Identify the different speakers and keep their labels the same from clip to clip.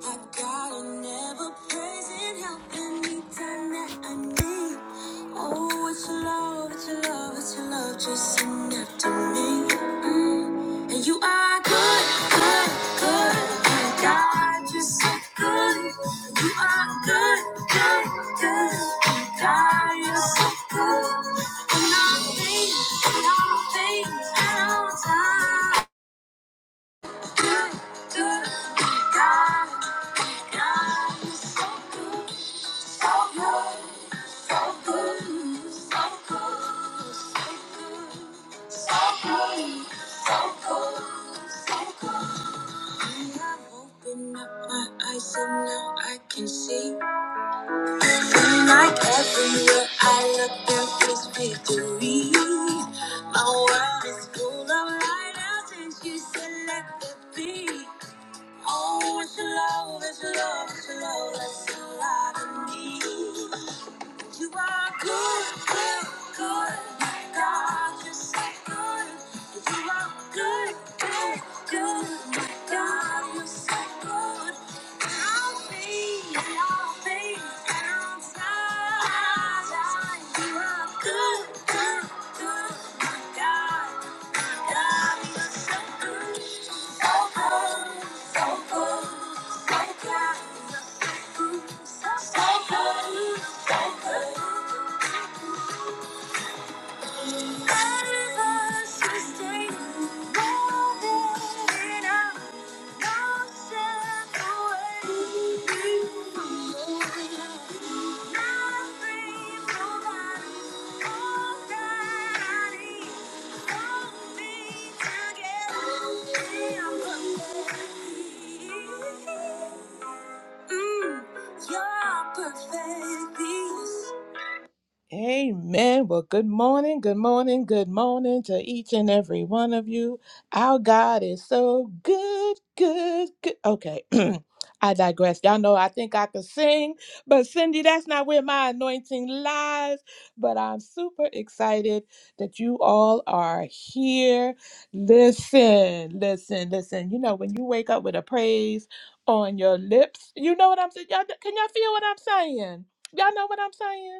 Speaker 1: I got an ever present help anytime that I need. Oh, it's your love, it's your love, it's your love chasing after me. Mm. And you are good, good, good. Oh, God, you're so good. You are good, good, good. Oh, God, you're so good. And all things, and all things, and all time. Can see Seem like everywhere I look, there is victory. My world is full of light, and you selected me. Oh, it's your love, it's your love, it's your love, that's all I need. You are good, good, good. God, you're so good. You are good, good, good. God, you're so good. I'll be, I'll be found time. You are good, good, good. God, God, you're so good. So good, so good, so good. Skyfall, Skyfall. Mm, You're perfect. peace. Amen. Well, good morning, good morning, good morning to each and every one of you. Our God is so good, good, good. Okay, I digress. Y'all know I think I could sing, but Cindy, that's not where my anointing lies. But I'm super excited that you all are here. Listen, listen, listen. You know, when you wake up with a praise on your lips, you know what I'm saying? Y'all, can y'all feel what I'm saying? Y'all know what I'm saying?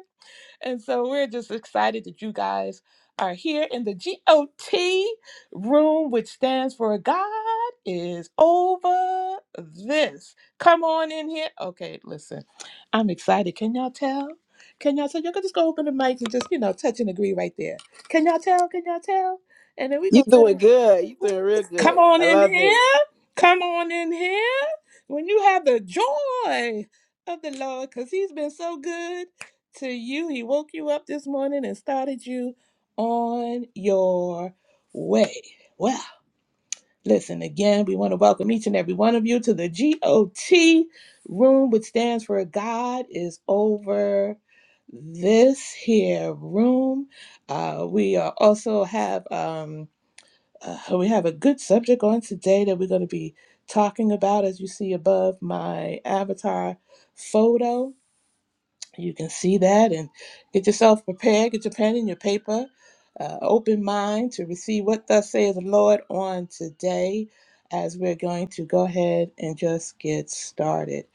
Speaker 1: And so we're just excited that you guys are here in the GOT room, which stands for God is over this. Come on in here. Okay, listen, I'm excited. Can y'all tell? Can y'all tell? Y'all can just go open the mic and just, you know, touch and agree right there. Can y'all tell? Can y'all tell? And then we're
Speaker 2: You
Speaker 1: going to
Speaker 2: doing good. You doing real
Speaker 1: Come
Speaker 2: good.
Speaker 1: on
Speaker 2: I
Speaker 1: in
Speaker 2: love it.
Speaker 1: here. Come on in here. When you have the joy of the Lord, because He's been so good to you. He woke you up this morning and started you on your way. Well, listen again. We want to welcome each and every one of you to the GOT room, which stands for God is over this here room. Uh, we uh, also have. Um, uh, we have a good subject on today that we're going to be talking about, as you see above my avatar photo you can see that and get yourself prepared get your pen and your paper uh, open mind to receive what thus says the lord on today as we're going to go ahead and just get started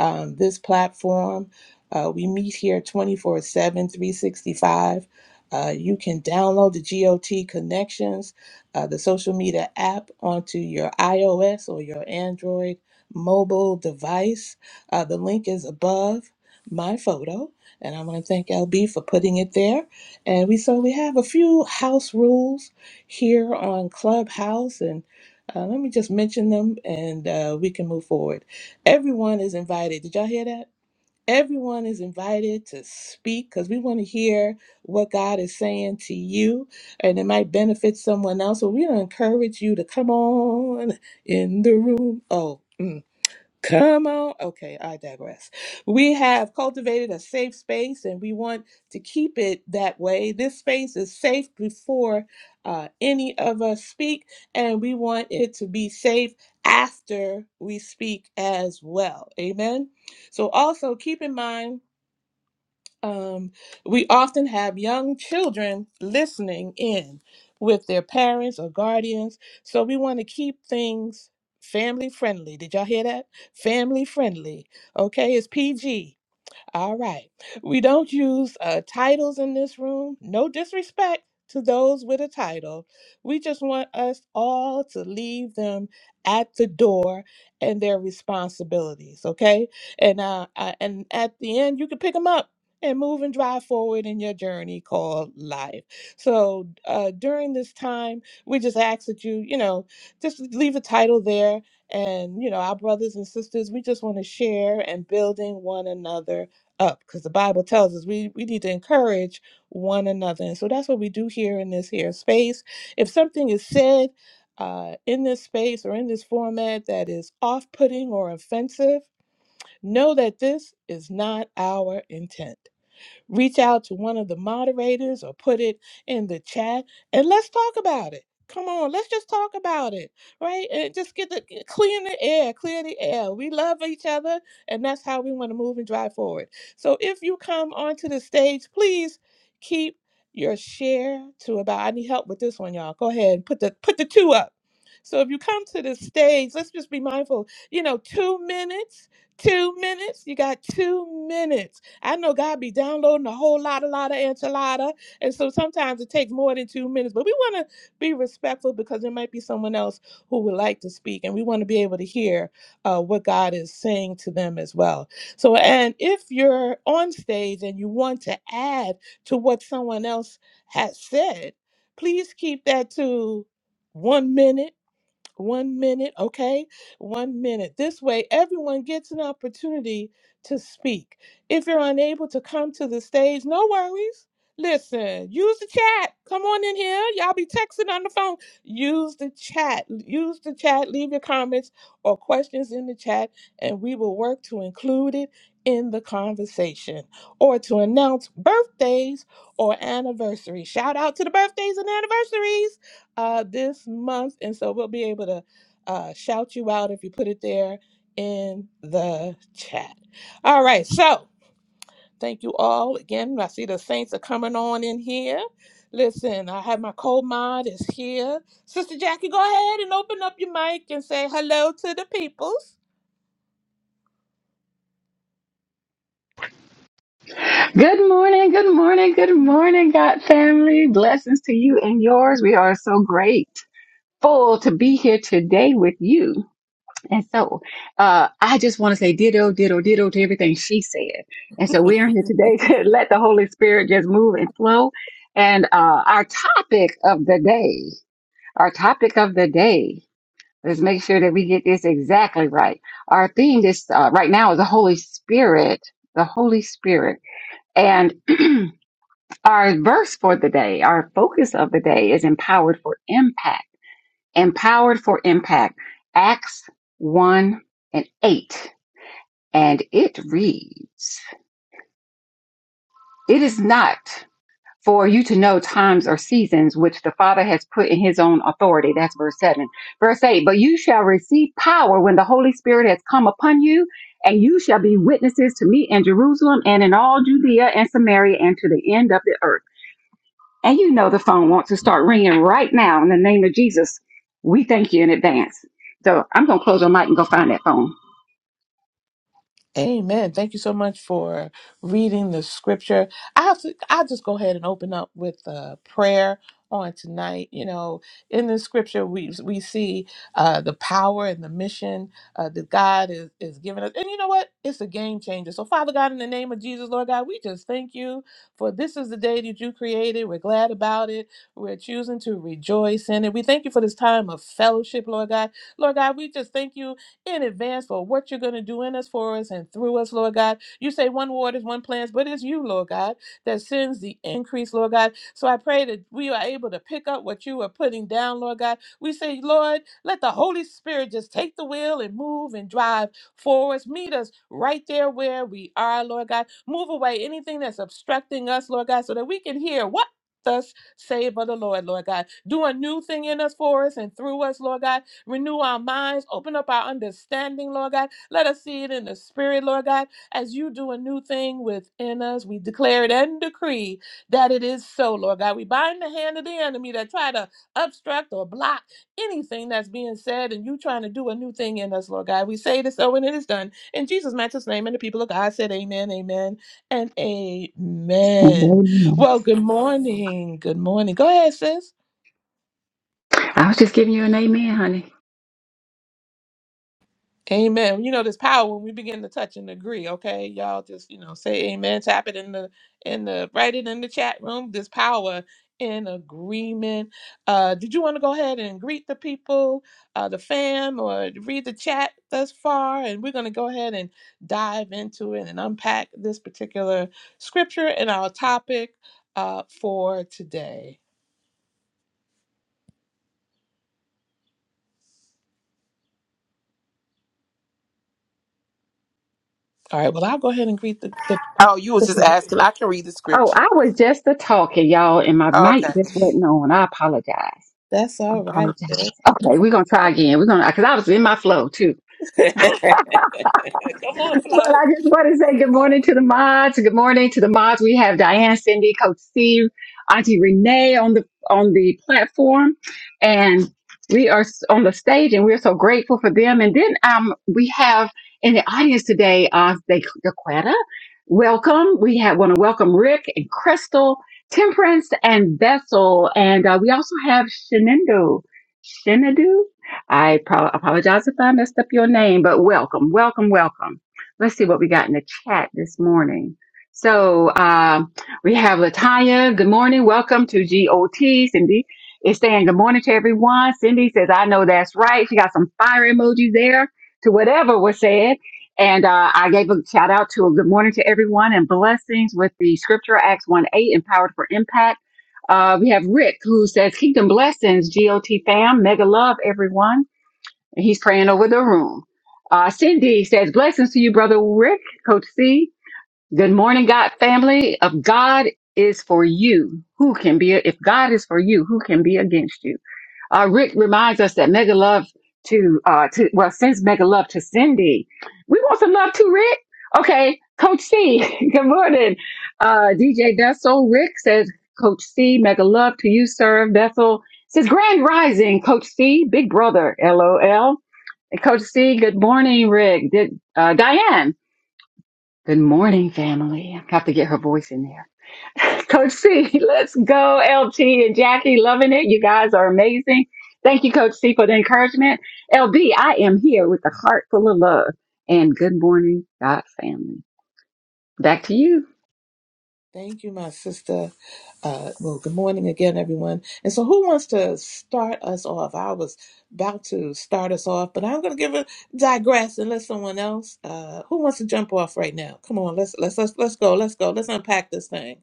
Speaker 1: um, this platform uh, we meet here twenty four seven, three sixty five. uh, you can download the GOT Connections, uh, the social media app, onto your iOS or your Android mobile device. Uh, the link is above my photo, and I want to thank LB for putting it there. And we so we have a few house rules here on Clubhouse, and uh, let me just mention them, and uh, we can move forward. Everyone is invited. Did y'all hear that? Everyone is invited to speak because we want to hear what God is saying to you, and it might benefit someone else. So we encourage you to come on in the room. Oh. mm. Come on. Okay, I digress. We have cultivated a safe space and we want to keep it that way. This space is safe before uh, any of us speak, and we want it to be safe after we speak as well. Amen. So, also keep in mind um, we often have young children listening in with their parents or guardians, so we want to keep things family friendly. Did y'all hear that? Family friendly. Okay, it's PG. All right. We don't use uh, titles in this room. No disrespect to those with a title. We just want us all to leave them at the door and their responsibilities, okay? And uh, uh and at the end, you can pick them up and move and drive forward in your journey called life. So uh, during this time, we just ask that you, you know, just leave a title there. And you know, our brothers and sisters, we just want to share and building one another up because the Bible tells us we, we need to encourage one another. And so that's what we do here in this here space. If something is said uh, in this space or in this format that is off putting or offensive, know that this is not our intent reach out to one of the moderators or put it in the chat and let's talk about it. Come on, let's just talk about it, right? And just get the clear the air, clear the air. We love each other, and that's how we want to move and drive forward. So if you come onto the stage, please keep your share to about. I need help with this one, y'all. Go ahead and put the put the two up. So if you come to the stage, let's just be mindful. You know, two minutes, two minutes. You got two minutes I know God be downloading a whole lot, a lot of enchilada, and so sometimes it takes more than two minutes. But we want to be respectful because there might be someone else who would like to speak, and we want to be able to hear uh, what God is saying to them as well. So, and if you're on stage and you want to add to what someone else has said, please keep that to one minute one minute, okay? One minute. This way, everyone gets an opportunity to speak. If you're unable to come to the stage, no worries. Listen, use the chat. Come on in here. Y'all be texting on the phone. Use the chat. Use the chat. Leave your comments or questions in the chat, and we will work to include it in the conversation or to announce birthdays or anniversaries. Shout out to the birthdays and anniversaries uh, this month. And so we'll be able to uh, shout you out if you put it there in the chat. All right. So Thank you all again. I see the saints are coming on in here. Listen, I have my co-mod is here. Sister Jackie, go ahead and open up your mic and say hello to the peoples.
Speaker 3: Good morning, good morning, good morning, God family. Blessings to you and yours. We are so grateful to be here today with you. And so uh, I just want to say ditto, ditto, ditto to everything she said. And so we are here today to let the Holy Spirit just move and flow. And uh, our topic of the day, our topic of the day, let's make sure that we get this exactly right. Our theme this uh, right now is the Holy Spirit, the Holy Spirit. And Our verse for the day, our focus of the day is empowered for impact. Empowered for impact. Acts 1 and 8. And it reads, It is not for you to know times or seasons which the Father has put in his own authority. That's verse 7. Verse 8, but you shall receive power when the Holy Spirit has come upon you, and you shall be witnesses to me in Jerusalem and in all Judea and Samaria and to the end of the earth. And you know the phone wants to start ringing right now in the name of Jesus. We thank you in advance. So I'm going to close my mic and go find that phone.
Speaker 1: Amen. Thank you so much for reading the scripture. I have to I'll just go ahead and open up with a prayer on tonight. You know, in the scripture we we see uh the power and the mission uh that God is is giving us. And you know what? It's a game changer. So Father God, in the name of Jesus, Lord God, we just thank you for this is the day that you created. We're glad about it. We're choosing to rejoice in it. We thank you for this time of fellowship, Lord God. Lord God, we just thank you in advance for what you're going to do in us, for us, and through us, Lord God. You say one word is one plans, but it's you, Lord God, that sends the increase, Lord God. So I pray that we are able to pick up what you are putting down, Lord God. We say, Lord, let the Holy Spirit just take the wheel and move and drive for us. Meet us right there where we are, Lord God. Move away anything that's obstructing us, Lord God, so that we can hear what thus save of the Lord, Lord God. Do a new thing in us for us and through us, Lord God. Renew our minds. Open up our understanding, Lord God. Let us see it in the spirit, Lord God, as you do a new thing within us. We declare it and decree that it is so, Lord God. We bind the hand of the enemy that try to obstruct or block anything that's being said and you trying to do a new thing in us, Lord God. We say this so and it is done. In Jesus' matchless name, and the people of God said, Amen, amen, and
Speaker 3: And
Speaker 1: amen.
Speaker 3: Amen.
Speaker 1: Well, good morning. Good morning. Go ahead, sis.
Speaker 3: I was just giving you an amen, honey.
Speaker 1: Amen. You know, there's power when we begin to touch and agree. Okay, y'all just you know say amen. Tap it in the in the write it in the chat room. There's power in agreement. Uh, did you want to go ahead and greet the people, uh, the fam, or read the chat thus far? And we're gonna go ahead and dive into it and unpack this particular scripture and our topic uh, for today. All right. Well, I'll go ahead and greet the. the
Speaker 2: Oh, you was just asking. I can read the
Speaker 3: Oh,
Speaker 2: scripture.
Speaker 3: I was just a talking, y'all, and my mic
Speaker 2: Okay.
Speaker 3: just wasn't on. I apologize.
Speaker 1: that's
Speaker 3: I
Speaker 1: all
Speaker 3: apologize.
Speaker 1: right.
Speaker 3: Okay, we're gonna try again. We're gonna because I was in my flow too.
Speaker 1: Come on,
Speaker 3: Well,
Speaker 1: Flo.
Speaker 3: I just want
Speaker 1: Come
Speaker 3: to
Speaker 1: on,
Speaker 3: say good morning
Speaker 1: Flo.
Speaker 3: to the mods. Good morning to the mods. We have Diane, Cindy, Coach Steve, Auntie Renee on the on the platform, and we are s- on the stage, and we're so grateful for them. And then um, we have in the audience today, uh, De- Dequetta. Welcome. We have want to welcome Rick and Crystal, Temperance and Vessel, and uh, we also have Shenando. Shenadu. I pro- apologize if I messed up your name, but welcome, welcome, welcome. Let's see what we got in the chat this morning. So um, we have Latanya. Good morning. Welcome to GOT. Cindy is saying good morning to everyone. Cindy says, I know that's right. She got some fire emojis there to whatever was said. And uh, I gave a shout out to a good morning to everyone and blessings with the scripture Acts 1 8, empowered for impact. Uh, we have Rick who says, Kingdom blessings, GOT fam. Mega love, everyone and he's praying over the room. Uh, Cindy says, Blessings to you, Brother Rick, Coach C. Good morning, God family. If God is for you, who can be, if God is for you, who can be against you? Uh, Rick reminds us that mega love to, uh, to, well, sends mega love to Cindy. We want some love too, Rick. Okay. Coach C, good morning. Uh, DJ Vessel, Rick says, Coach C, mega love to you, sir. Vessel says, Grand Rising, Coach C, big brother, LOL. And Coach C, good morning, Rick. Did, uh, Diane, good morning, family. I have to get her voice in there. Coach C, let's go. LT and Jackie, loving it. You guys are amazing. Thank you, Coach C, for the encouragement. LB, I am here with a heart full of love. And good morning, God family. Back to you.
Speaker 1: Thank you, my sister. Uh, well, good morning again, everyone. And so, who wants to start us off? I was about to start us off, but I'm going to give a digress and let someone else. Uh, who wants to jump off right now? Come on, let's let's let's let's go. Let's go. Let's unpack this thing.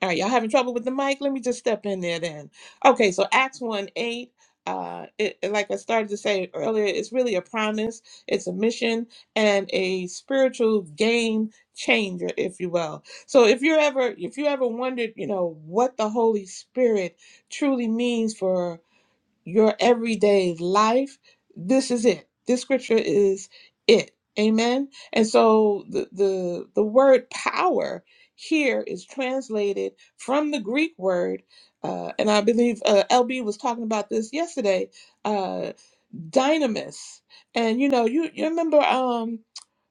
Speaker 1: All right, y'all having trouble with the mic? Let me just step in there then. Okay, so Acts 1 8, uh, it, it- like I started to say earlier, it's really a promise, it's a mission, and a spiritual game changer, if you will. So if you're ever if you ever wondered, you know, what the Holy Spirit truly means for your everyday life, this is it. This scripture is it. Amen. And so the the, the word power here is translated from the Greek word, uh, and I believe uh, LB was talking about this yesterday. Uh, dynamis, and you know, you you remember. Um,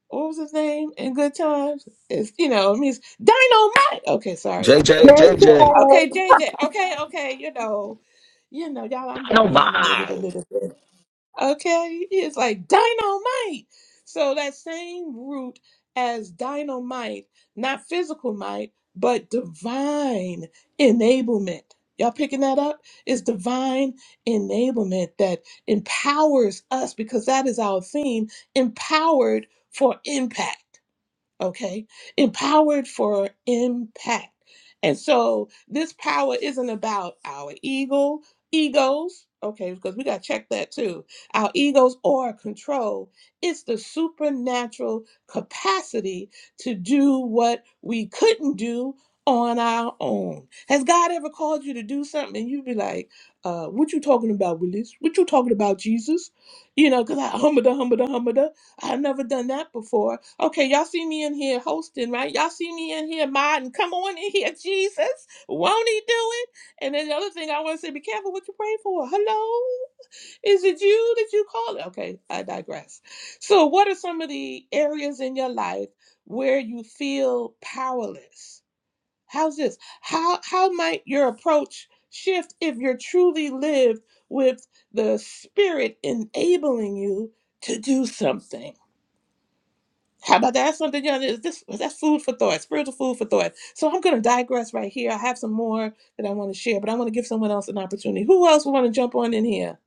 Speaker 1: what was his name in Good Times? It's you know, I mean, it's Dynamite. Okay, sorry.
Speaker 4: JJ,
Speaker 3: Yay,
Speaker 4: JJ,
Speaker 1: Okay, JJ. Okay, okay. You know, you know, y'all. I'm very animated a
Speaker 4: nobody.
Speaker 1: little bit. Okay, it's like dynamite. So that same root as dynamite, not physical might, but divine enablement. Y'all picking that up? It's divine enablement that empowers us because that is our theme, empowered for impact okay empowered for impact and so this power isn't about our ego egos okay because we got to check that too our egos or control it's the supernatural capacity to do what we couldn't do on our own has god ever called you to do something and you'd be like uh what you talking about willis what you talking about jesus you know because i humba da humba da I've never done that before. Okay, y'all see me in here hosting, right? Y'all see me in here modding. Come on in here, Jesus. Won't he do it? And then the other thing I want to say, be careful what you pray for. Hello? Is it you that you call it? Okay, I digress. So, what are some of the areas in your life where you feel powerless? How's this? How how might your approach shift if you're truly lived with the spirit enabling you to do something? How about that? Something you know, is this that's food for thought, spiritual food for thought. So I'm going to digress right here. I have some more that I want to share, but I want to give someone else an opportunity. Who else would want to jump on in here?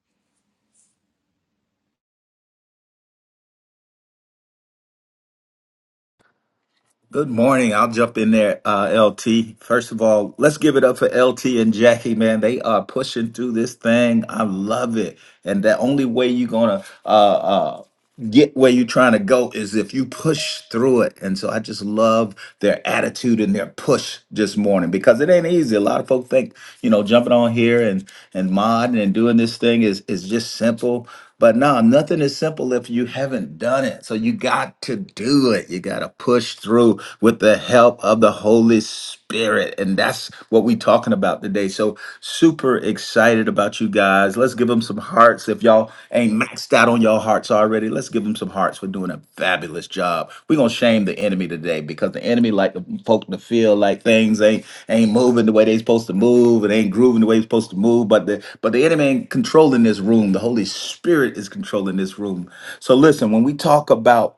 Speaker 4: Good morning. I'll jump in there, uh, LT. First of all, let's give it up for LT and Jackie, man. They are pushing through this thing. I love it. And the only way you're gonna uh, uh, get where you're trying to go is if you push through it. And so I just love their attitude and their push this morning because it ain't easy. A lot of folks think, you know, jumping on here and and modding and doing this thing is is just simple. But no, nothing is simple if you haven't done it. So you got to do it. You got to push through with the help of the Holy Spirit. And that's what we're talking about today. So super excited about you guys. Let's give them some hearts. If y'all ain't maxed out on your hearts already, already. Let's give them some hearts for doing a fabulous job. We're gonna shame the enemy today because the enemy like the folk to feel like things ain't ain't moving the way they supposed to move and ain't grooving the way they supposed to move. But the but the enemy ain't controlling this room. The Holy Spirit is controlling this room. So listen, when we talk about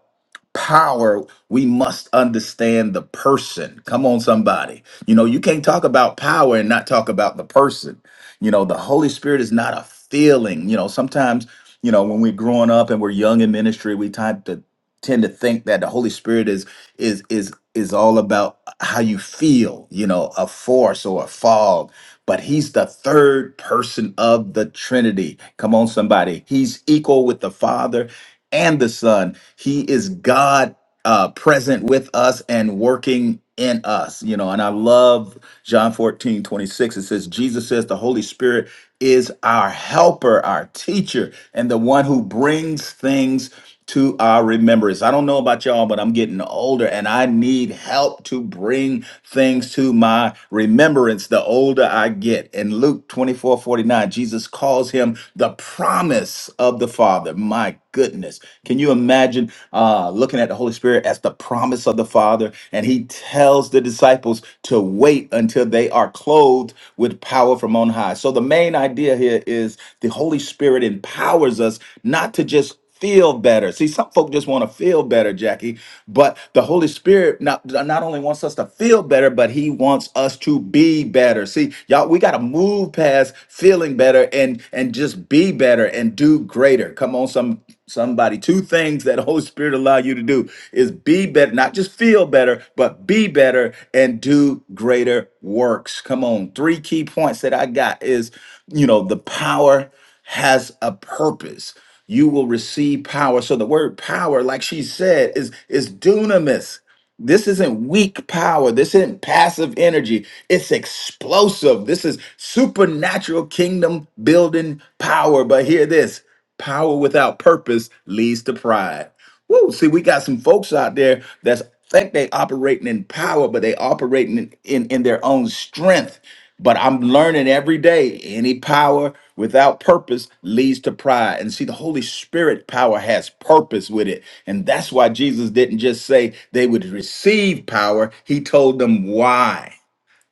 Speaker 4: power, we must understand the person. Come on, somebody. You know, you can't talk about power and not talk about the person. You know, the Holy Spirit is not a feeling. You know, sometimes, you know, when we're growing up and we're young in ministry, we tend to tend to think that the Holy Spirit is is is is all about how you feel, you know, a force or a fog. But he's the third person of the Trinity. Come on, somebody. He's equal with the Father and the Son. He is God uh, present with us and working in us. You know, and I love John 14 26. It says, Jesus says the Holy Spirit is our helper, our teacher, and the one who brings things to our remembrance. I don't know about y'all, but I'm getting older and I need help to bring things to my remembrance the older I get. In Luke 24 49, Jesus calls him the promise of the Father. My goodness. Can you imagine uh, looking at the Holy Spirit as the promise of the Father? And he tells the disciples to wait until they are clothed with power from on high. So the main idea here is the Holy Spirit empowers us not to just feel better. See, some folk just want to feel better, Jackie, but the Holy Spirit not, not only wants us to feel better, but he wants us to be better. See, y'all, we got to move past feeling better and and just be better better and do greater. Come on, some somebody. Two things that Holy Spirit allow you to do is be better, not just feel better, but be better and do greater works. Come on. Three key points that I got is, you know, the power has a purpose. You will receive power. So the word power, like she said, is is dunamis. This isn't weak power. This isn't passive energy. It's explosive. This is supernatural kingdom building power. But hear this power without purpose leads to pride. Woo, see, we got some folks out there that think they operating in power, but they operating in, in, in their own strength. But I'm learning every day any power without purpose leads to pride. And see, the Holy Spirit power has purpose with it. And that's why Jesus didn't just say they would receive power, He told them why.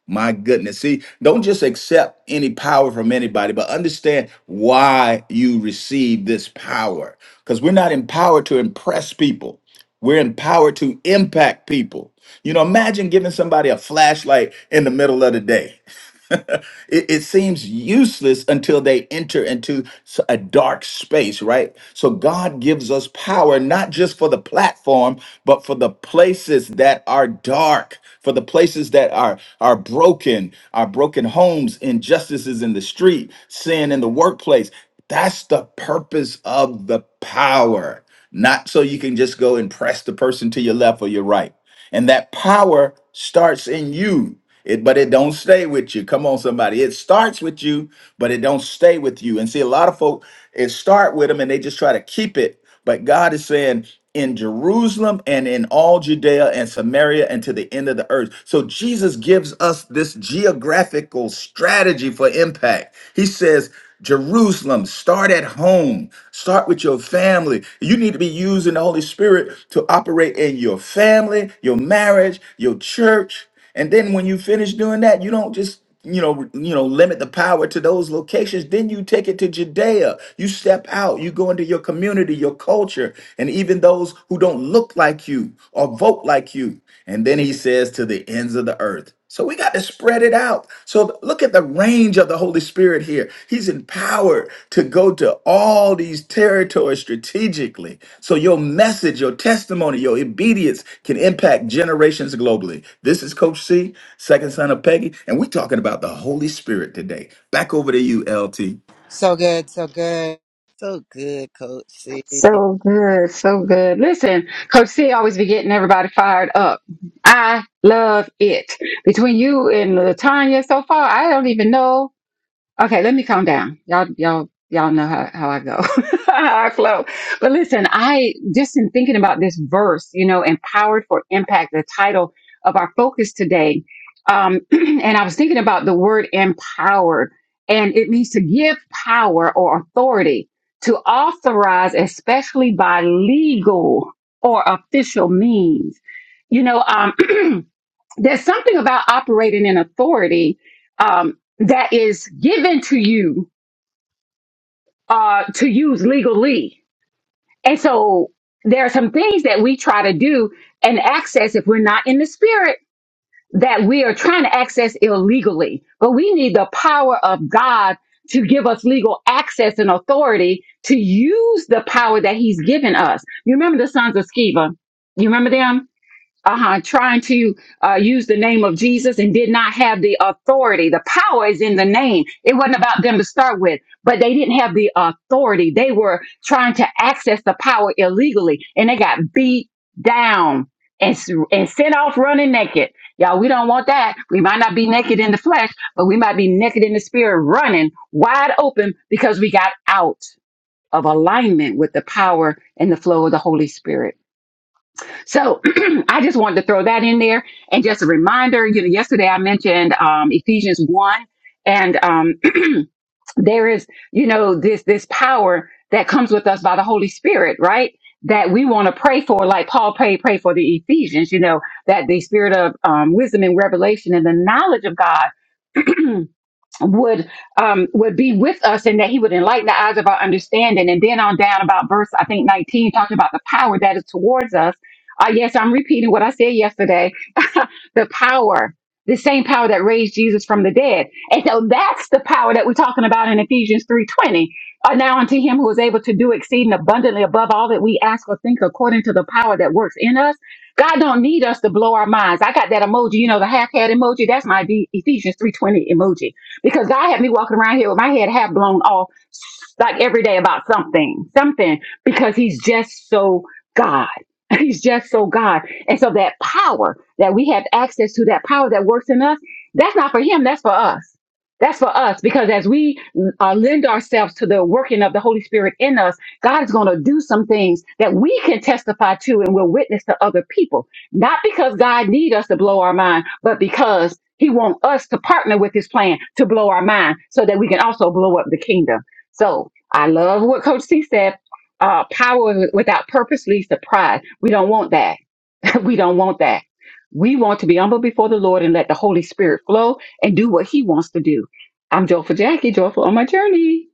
Speaker 4: My goodness. See, don't just accept any power from anybody, but understand why you receive this power. Because we're not empowered to impress people, we're empowered to impact people. You know, imagine giving somebody a flashlight in the middle of the day. it, it seems useless until they enter into s- a dark space, right? So God gives us power not just for the platform, but for the places that are dark, for the places that are are broken, our broken homes, injustices in the street, sin in the workplace. That's the purpose of the power. Not so you can just go and press the person to your left or your right and that power starts in you it but it don't stay with you come on somebody it starts with you but it don't stay with you and see a lot of folk it start with them and they just try to keep it but god is saying in jerusalem and in all judea and samaria and to the end of the earth so jesus gives us this geographical strategy for impact he says Jerusalem, start at home. Start with your family. You need to be using the Holy Spirit to operate in your family, your marriage, your church. And then when you finish doing that, you don't just you know you know limit the power to those locations then you take it to judea you step out you go into your community your culture and even those who don't look like you or vote like you and then he says to the ends of the earth so we got to spread it out. So look at the range of the Holy Spirit here. He's empowered to go to all these territories strategically. So your message, your testimony, your obedience can impact generations globally. This is Coach C, second son of Peggy, and we're talking about the Holy Spirit today. Back over to you, LT.
Speaker 5: So good, so good.
Speaker 6: So good, Coach C.
Speaker 3: So good, so good. Listen, Coach C always be getting everybody fired up. I love it. Between you and Latanya so far, I don't even know. Okay, let me calm down. Y'all, y'all, y'all know how, how I go, how I flow. But listen, I just in thinking about this verse, you know, empowered for impact, the title of our focus today. Um, and I was thinking about the word empowered, and it means to give power or authority to authorize, especially by legal or official means. You know, um, there's something about operating in authority um, that is given to you uh, to use legally. And so there are some things that we try to do and access if we're not in the spirit that we are trying to access illegally. But we need the power of God to give us legal access and authority to use the power that he's given us. You remember the sons of Sceva? You remember them? uh-huh, trying to uh, use the name of Jesus and did not have the authority. The power is in the name. It wasn't about them to start with, but they didn't have the authority. They were trying to access the power illegally and they got beat down and, s- and sent off running naked. Y'all, we don't want that. We might not be naked in the flesh, but we might be naked in the spirit, running wide open because we got out of alignment with the power and the flow of the Holy Spirit. So I just wanted to throw that in there. And just a reminder, you know, yesterday I mentioned um, Ephesians 1 and um, there is, you know, this, this power that comes with us by the Holy Spirit, right? That we want to pray for, like Paul prayed, pray for the Ephesians, you know, that the spirit of um, wisdom and revelation and the knowledge of God would um would be with us and that he would enlighten the eyes of our understanding and then on down about verse i think 19 talking about the power that is towards us uh yes i'm repeating what i said yesterday the power the same power that raised jesus from the dead and so that's the power that we're talking about in ephesians 3.20 uh, now unto him who is able to do exceeding abundantly above all that we ask or think according to the power that works in us god don't need us to blow our minds i got that emoji you know the half-head emoji that's my Ephesians 3.20 emoji because God had me walking around here with my head half blown off, like every day about something, something, because He's just so God. He's just so God. And so that power that we have access to, that power that works in us, that's not for Him, that's for us. That's for us because as we uh, lend ourselves to the working of the Holy Spirit in us, God is going to do some things that we can testify to and will witness to other people not because God need us to blow our mind, but because he want us to partner with his plan to blow our mind so that we can also blow up the kingdom. So I love what Coach C said. Uh, power without purpose leads to pride. We don't want that. we don't want that. We want to be humble before the Lord and let the Holy Spirit flow and do what he wants to do. I'm joyful Jackie, joyful on my journey.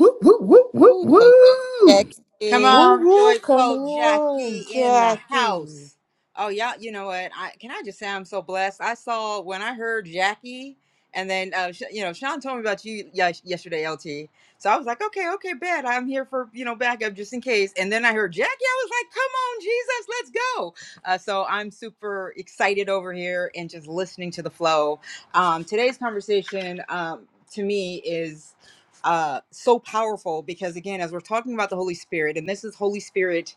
Speaker 4: Woo, woo, woo, woo,
Speaker 6: Ooh, so
Speaker 4: woo.
Speaker 5: Come
Speaker 6: Jackie.
Speaker 1: Woo
Speaker 5: on,
Speaker 1: woo, come
Speaker 5: joyful Jackie
Speaker 1: on,
Speaker 5: in the
Speaker 1: Jackie.
Speaker 5: house. Oh, y'all, you know what? I can I just say I'm so blessed. I saw when I heard Jackie, and then uh, sh- you know, Sean told me about you yes- yesterday, LT. So I was like, okay, okay, bet I'm here for you know backup just in case. And then I heard Jackie. I was like, come on, Jesus, let's go. Uh, so I'm super excited over here and just listening to the flow. Um, today's conversation um, to me is. uh so powerful because again as we're talking about the holy spirit and this is holy spirit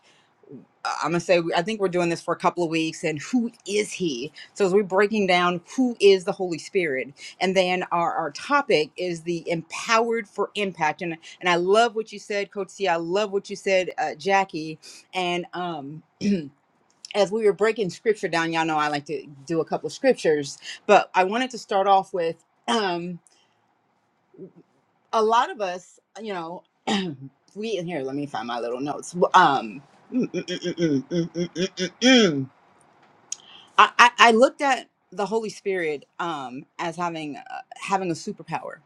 Speaker 5: uh, i'm gonna say i think we're doing this for a couple of weeks and who is he so as we're breaking down who is the holy spirit and then our our topic is the empowered for impact and and i love what you said coach c i love what you said uh, jackie and um as we were breaking scripture down y'all know i like to do a couple of scriptures but i wanted to start off with a lot of us, you know, we in here. Let me find my little notes. Um, mm, mm, mm, mm, mm, mm, mm, mm, mm. mm, mm. I, I I looked at the Holy Spirit um as having uh, having a superpower,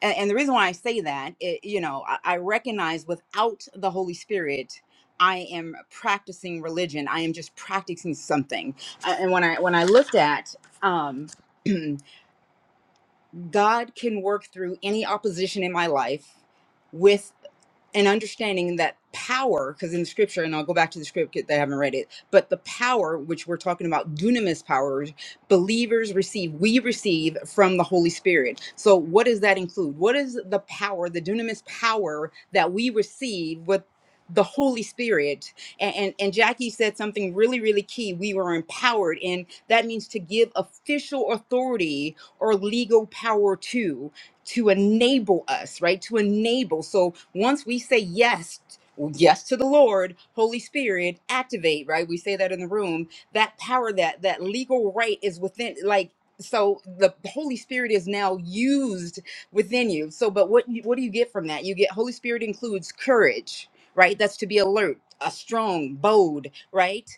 Speaker 5: and, and the reason why I say that, it, you know, I, I recognize without the Holy Spirit. I am practicing religion. I am just practicing something. Uh, And when I when I looked at um, God can work through any opposition in my life with. and understanding that power, because in the scripture, and I'll go back to the script that I haven't read it, but the power which we're talking about, dunamis powers, believers receive, we receive from the Holy Spirit. So, what does that include? What is the power, the dunamis power that we receive with? the holy spirit and, and and jackie said something really really key we were empowered and that means to give official authority or legal power to to enable us, right? To enable. So once we say yes, yes to the Lord, Holy Spirit, activate, right? We say that in the room. That power, that that legal right is within like so the Holy Spirit is now used within you. So but what you- what do you get from that? You get Holy Spirit includes courage, right? That's to be alert, a strong, bold, right?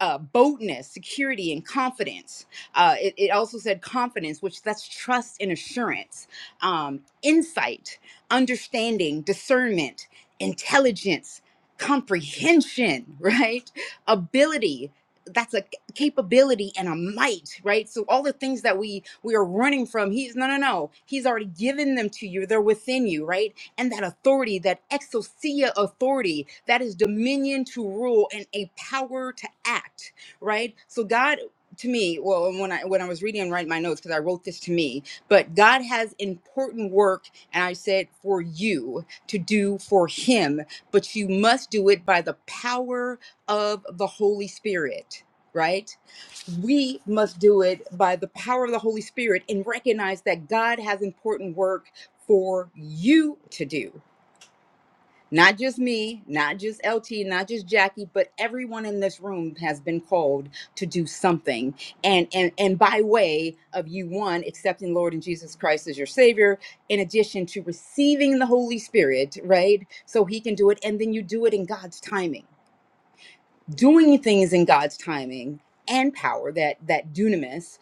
Speaker 5: Uh, boldness, security, and confidence. Uh, it, it also said confidence, which that's trust and assurance um, insight, understanding, discernment, intelligence, comprehension, right? Ability. That's a capability and a might, right? So all the things that we we are running from, he's no, no, no. He's already given them to you. They're within you, right? And that authority, that exousia authority, that is dominion to rule and a power to act, right? So God, to me, well, when I when I was reading and writing my notes, because I wrote this to me, but God has important work, and I said for you to do for Him, but you must do it by the power of the Holy Spirit, right? We must do it by the power of the Holy Spirit and recognize that God has important work for you to do not just me, not just LT, not just Jackie, but everyone in this room has been called to do something. And and and by way of you one accepting Lord and Jesus Christ as your savior in addition to receiving the Holy Spirit, right? So he can do it and then you do it in God's timing doing things in God's timing and power that that dunamis,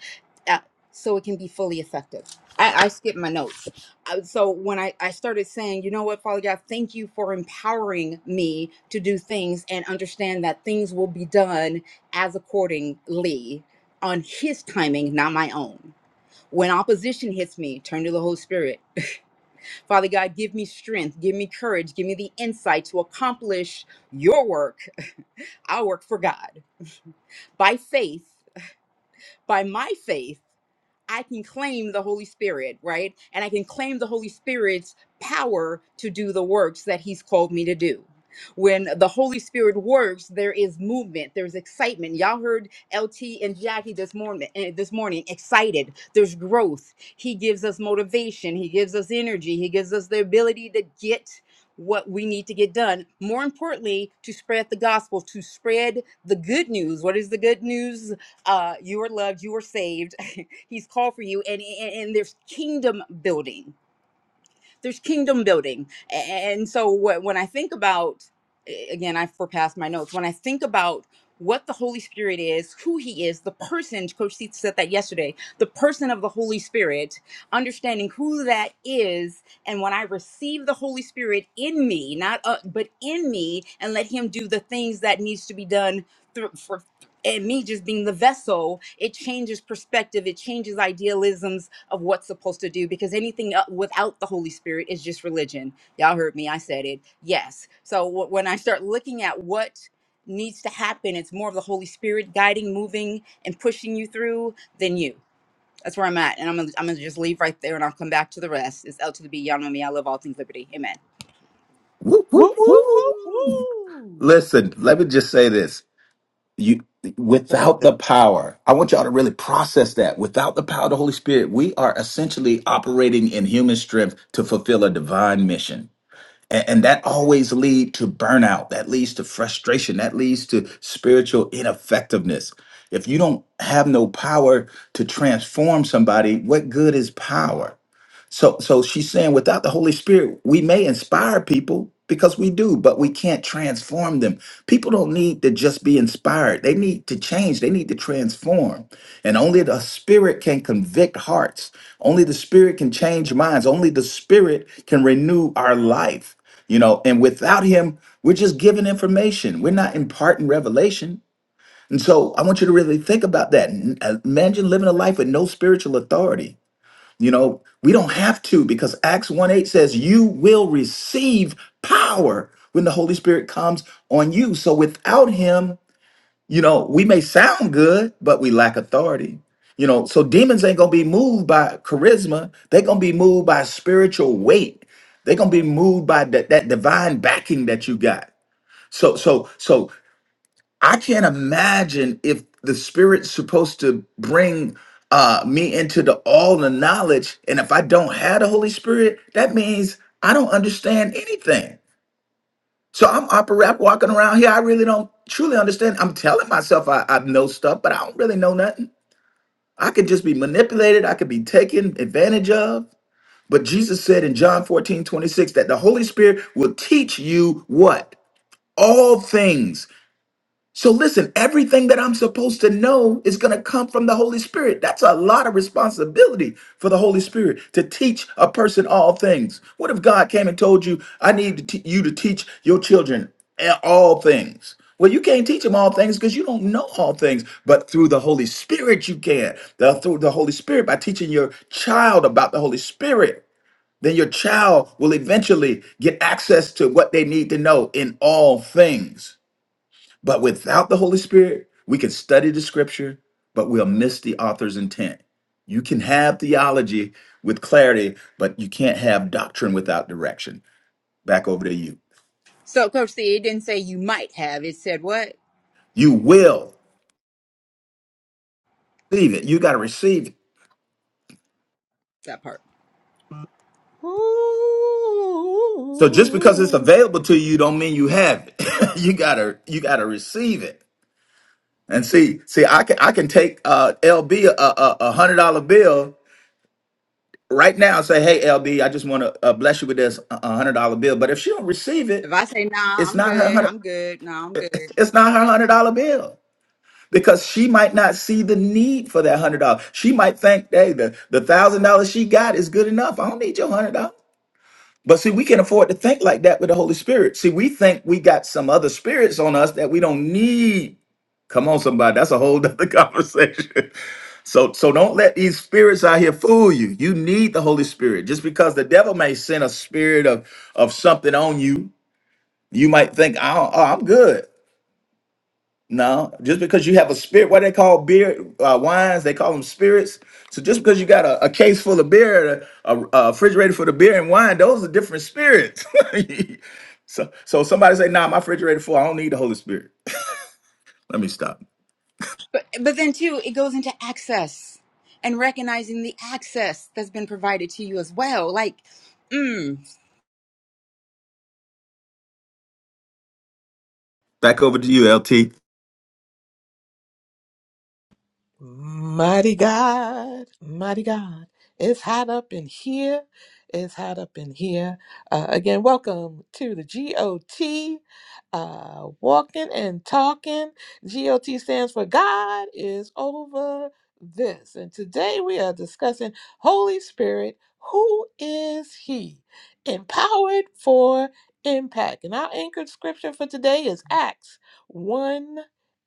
Speaker 5: uh, so it can be fully effective. I, I skipped my notes. Uh, So when I, I started saying, you know what, Father God, thank you for empowering me to do things and understand that things will be done as accordingly on His timing, not my own. When opposition hits me, turn to the Holy Spirit. Father God, give me strength, give me courage, give me the insight to accomplish your work, our work for God by faith, by my faith. I can claim the Holy Spirit, right? And I can claim the Holy Spirit's power to do the works that He's called me to do. When the Holy Spirit works, there is movement, there's excitement. Y'all heard LT and Jackie this morning, eh, this morning excited. There's growth. He gives us motivation, he gives us energy, he gives us the ability to get what we need to get done. More importantly, to spread the gospel, to spread the good news. What is the good news? Uh, you are loved, you are saved He's called for you, and and, and there's kingdom building there's kingdom building and so wh- when i think about again i forepassed my notes when i think about what the holy spirit is who he is the person coach seats said that yesterday the person of the holy spirit understanding who that is and when i receive the holy spirit in me not uh, but in me and let him do the things that needs to be done through for and me just being the vessel, it changes perspective, it changes idealisms, of what's supposed to do because anything el- without the Holy Spirit is just religion. Y'all heard me. I said it. Yes. So wh- when I start looking at what needs to happen, it's more of the Holy Spirit guiding, moving, and pushing you through than you. That's where I'm at. And I'm going to I'm gonna just leave right there and I'll come back to the rest. It's L to the B. Y'all know me. I love all things liberty. Amen.
Speaker 4: Woo, woo,
Speaker 1: Woo woo woo
Speaker 4: woo. Listen, let me just say this. you without the power i want y'all to really process that without the power of the holy spirit we are essentially operating in human strength to fulfill a divine mission and, and that always lead to burnout that leads to frustration that leads to spiritual ineffectiveness if you don't have no power to transform somebody what good is power so so she's saying without the Holy Spirit, we may inspire people because we do, but we can't transform them. People don't need to just be inspired. They need to change. They need to transform. And only the spirit can convict hearts. Only the spirit can change minds. Only the spirit can renew our life. You know, and without him, we're just giving information. We're not imparting revelation. And so I want you to really think about that. N- uh, Imagine living a life with no spiritual authority you know, we don't have to because Acts 1 8 says, You will receive power when the Holy Spirit comes on you. So without Him, you know, we may sound good, but we lack authority. You know, so demons ain't going to be moved by charisma, they're going to be moved by spiritual weight. They're going to be moved by that, that divine backing that you got. So, so, so I can't imagine if the spirit's supposed to bring uh, me into the all the knowledge, and if I don't have the Holy Spirit, that means I don't understand anything. So I'm operating, walking around here. I really don't truly understand. I'm telling myself I, I know stuff, but I don't really know nothing. I could just be manipulated. I could be taken advantage of. But Jesus said in John 14 26 that the Holy Spirit will teach you what? All things so listen, everything that I'm supposed to know is going to come from the Holy Spirit. That's a lot of responsibility for the Holy Spirit to teach a person all things. What if God came and told you, "I need to te- you to teach your children a- all things"? Well, you can't teach them all things because you don't know all things, but through the Holy Spirit you can. The- through the Holy Spirit by teaching your child about the Holy Spirit, then your child will eventually get access to what they need to know in all things. But without the Holy Spirit, we can study the scripture, but we'll miss the author's intent. You can have theology with clarity, but you can't have doctrine without direction. Back over to you.
Speaker 5: So, Coach C, it didn't say you might have. It said what?
Speaker 4: You will receive it. You got to receive it.
Speaker 5: That part.
Speaker 1: woo.
Speaker 4: So just because it's
Speaker 1: Woo.
Speaker 4: available to you don't mean you have it. you got to you got to receive it. And see, see, I can I can take uh, LB a, a, a hundred dollar bill right now and say, "Hey, LB, I just want to uh, bless you with this uh, hundred dollar bill." But if she don't receive
Speaker 5: If
Speaker 4: it,
Speaker 5: I say, nah,
Speaker 4: it's
Speaker 5: I'm
Speaker 4: not her
Speaker 5: good,
Speaker 4: 100
Speaker 5: I'm good. Nah, I'm good.
Speaker 4: It's not her hundred dollar bill because she might not see the need for that hundred dollars. She might think, hey, the the thousand dollars she got is good enough. I don't need your hundred dollars. But see, we can afford to think like that with the Holy Spirit. See, we think we got some other spirits on us that we don't need. Come on, somebody, that's a whole other conversation. So, so don't let these spirits out here fool you. You need the Holy Spirit. Just because the devil may send a spirit of of something on you, you might think, oh, oh I'm good. No, just because you have a spirit, what they call beer uh, wines, they call them spirits. So just because you got a, a case full of beer, a, a, refrigerator full of beer and wine, those are different spirits. so, so somebody say, "Nah, my refrigerator full. I don't need the Holy Spirit." Let me stop.
Speaker 5: But but then too, it goes into access and recognizing the access that's been provided to you as well. Like, mm,
Speaker 4: Back over to you, LT.
Speaker 1: Mighty God, mighty God. It's hot up in here. It's hot up in here. Uh, again, welcome to the GOT, uh, Walking and Talking. GOT stands for God is Over This. And today we are discussing Holy Spirit. Who is He? Empowered for Impact. And our anchored scripture for today is Acts 1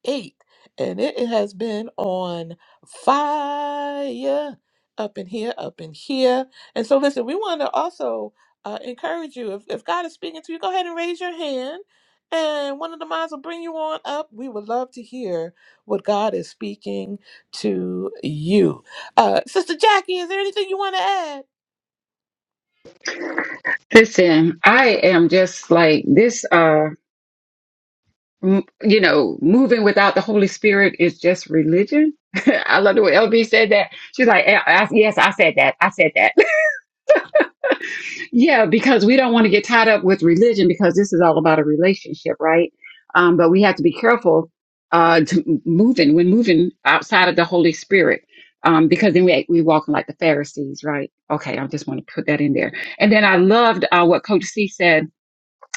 Speaker 1: 8 and it has been on fire up in here, up in here. And so, listen, we want to also uh, encourage you if, if God is speaking to you, go ahead and raise your hand, and one of the moms will bring you on up. We would love to hear what God is speaking to you. Uh, Sister Jackie, is there anything you want to add?
Speaker 3: Listen, I am just like this. Uh, m- you know, moving without the Holy Spirit is just religion. I love the way LB said that. She's like, "Eh, I, yes, I said that. I said that. yeah, because we don't want to get tied up with religion because this is all about a relationship, right? Um, but we have to be careful uh, to m- moving when moving outside of the Holy Spirit. Um, because then we we walking like the Pharisees, right? Okay, I just want to put that in there. And then I loved uh, what Coach C said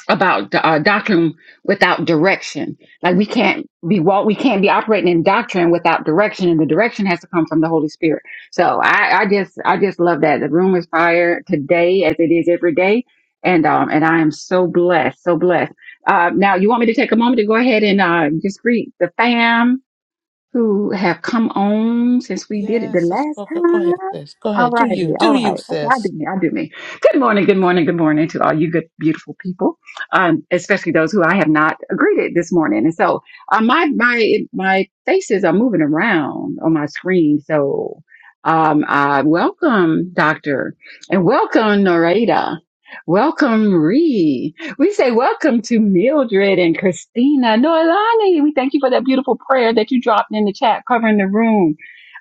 Speaker 3: about uh, doctrine without direction. Like we can't be walk, we can't be operating in doctrine without direction, and the direction has to come from the Holy Spirit. So I, I just, I just love that the room is fire today, as it is every day, and um, and I am so blessed, so blessed. Uh, now you want me to take a moment to go ahead and uh, just greet the fam who have come on since we did it the
Speaker 1: Yes, sister.
Speaker 3: last
Speaker 1: Go, go go ahead,
Speaker 3: time.
Speaker 1: sis. Go
Speaker 3: All
Speaker 1: ahead. Do
Speaker 3: righty,
Speaker 1: you,
Speaker 3: all
Speaker 1: do you,
Speaker 3: right. Okay, I do
Speaker 1: sis?
Speaker 3: me, I do me. Good morning, good morning, good morning to all you good, beautiful people, um, especially those who I have not greeted this morning. And so uh, my my my faces are moving around on my screen. So um, uh, welcome, Doctor, and welcome, Narada. Welcome, Ree. We say welcome to Mildred and Christina Noelani. We thank you for that beautiful prayer that you dropped in the chat covering the room.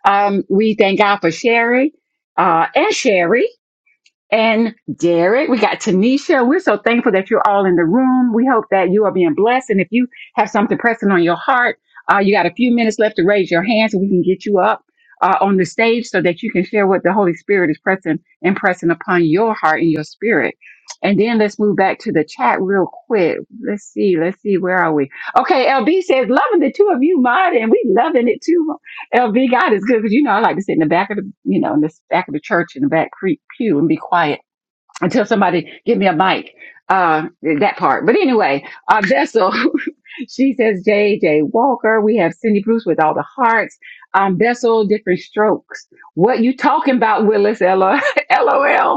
Speaker 3: Um, we thank God for Sherry uh, and Sherry and Derek. We got Tanisha. We're so thankful that you're all in the room. We hope that you are being blessed. And if you have something pressing on your heart, uh, you got a few minutes left to raise your hand so we can get you up uh, on the stage so that you can share what the Holy Spirit is pressing and pressing upon your heart and your spirit. And then let's move back to the chat real quick. Let's see. Let's see. Where are we? Okay. LB says, loving the two of you, Mod, and we loving it too. LB, God is good because you know I like to sit in the back of the, you know, in the back of the church in the back creek pew and be quiet until somebody give me a mic. Uh, that part. But anyway, uh, Bessel, she says J J Walker. We have Cindy Bruce with all the hearts. Um, Bessel, different strokes. What you talking about, Willis? Ella, LOL.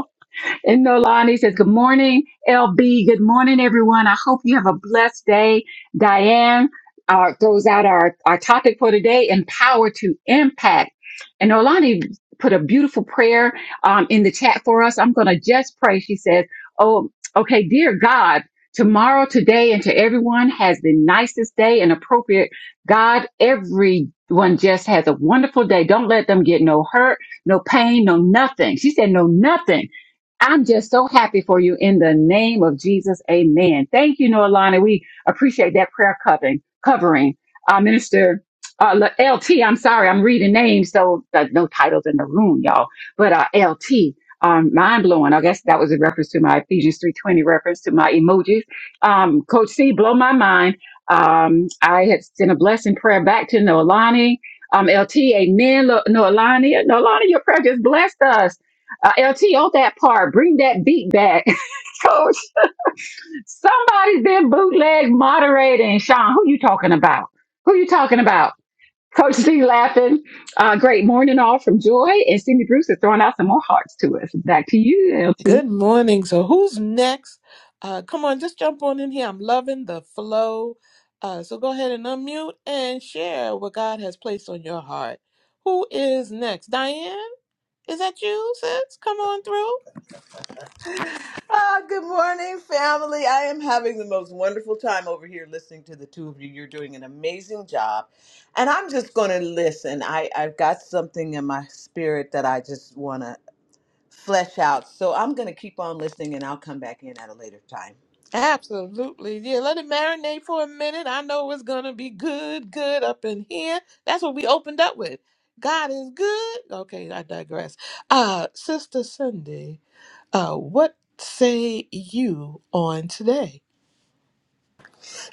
Speaker 3: And Nolani says, Good morning, LB. Good morning, everyone. I hope you have a blessed day. Diane uh, throws out our, our topic for today empower to impact. And Nolani put a beautiful prayer um, in the chat for us. I'm going to just pray. She says, Oh, okay, dear God, tomorrow, today, and to everyone has the nicest day and appropriate. God, everyone just has a wonderful day. Don't let them get no hurt, no pain, no nothing. She said, No, nothing I'm just so happy for you in the name of Jesus. Amen. Thank you, Noelani. We appreciate that prayer covering. Covering, uh, Minister uh, L- LT. I'm sorry, I'm reading names, so there's no titles in the room, y'all. But uh, LT, um, mind blowing. I guess that was a reference to my Ephesians 3:20 reference to my emojis. Um, Coach C, blow my mind. Um, I had sent a blessing prayer back to Noelani. Um, LT, amen. Lo- Noelani, Noelani, your prayer just blessed us. Uh, LT on that part, bring that beat back, coach. Somebody's been bootleg moderating. Sean, who you talking about? Who you talking about? Coach C laughing. Uh, great morning all from Joy and Cindy Bruce is throwing out some more hearts to us. Back to you, LT.
Speaker 1: Good morning. So who's next? Uh, come on, just jump on in here. I'm loving the flow. Uh, so go ahead and unmute and share what God has placed on your heart. Who is next? Diane, is that you, sis? Come on through.
Speaker 7: Ah, good morning, family. I am having the most wonderful time over here listening to the two of you. You're doing an amazing job. And I'm just going to listen. I, I've got something in my spirit that I just want to flesh out. So I'm going to keep on listening and I'll come back in at a later time.
Speaker 1: Absolutely. Yeah, let it marinate for a minute. I know it's going to be good, good up in here. That's what we opened up with. God is good. Okay, I digress. Uh, Sister Cindy, uh, what say you on today?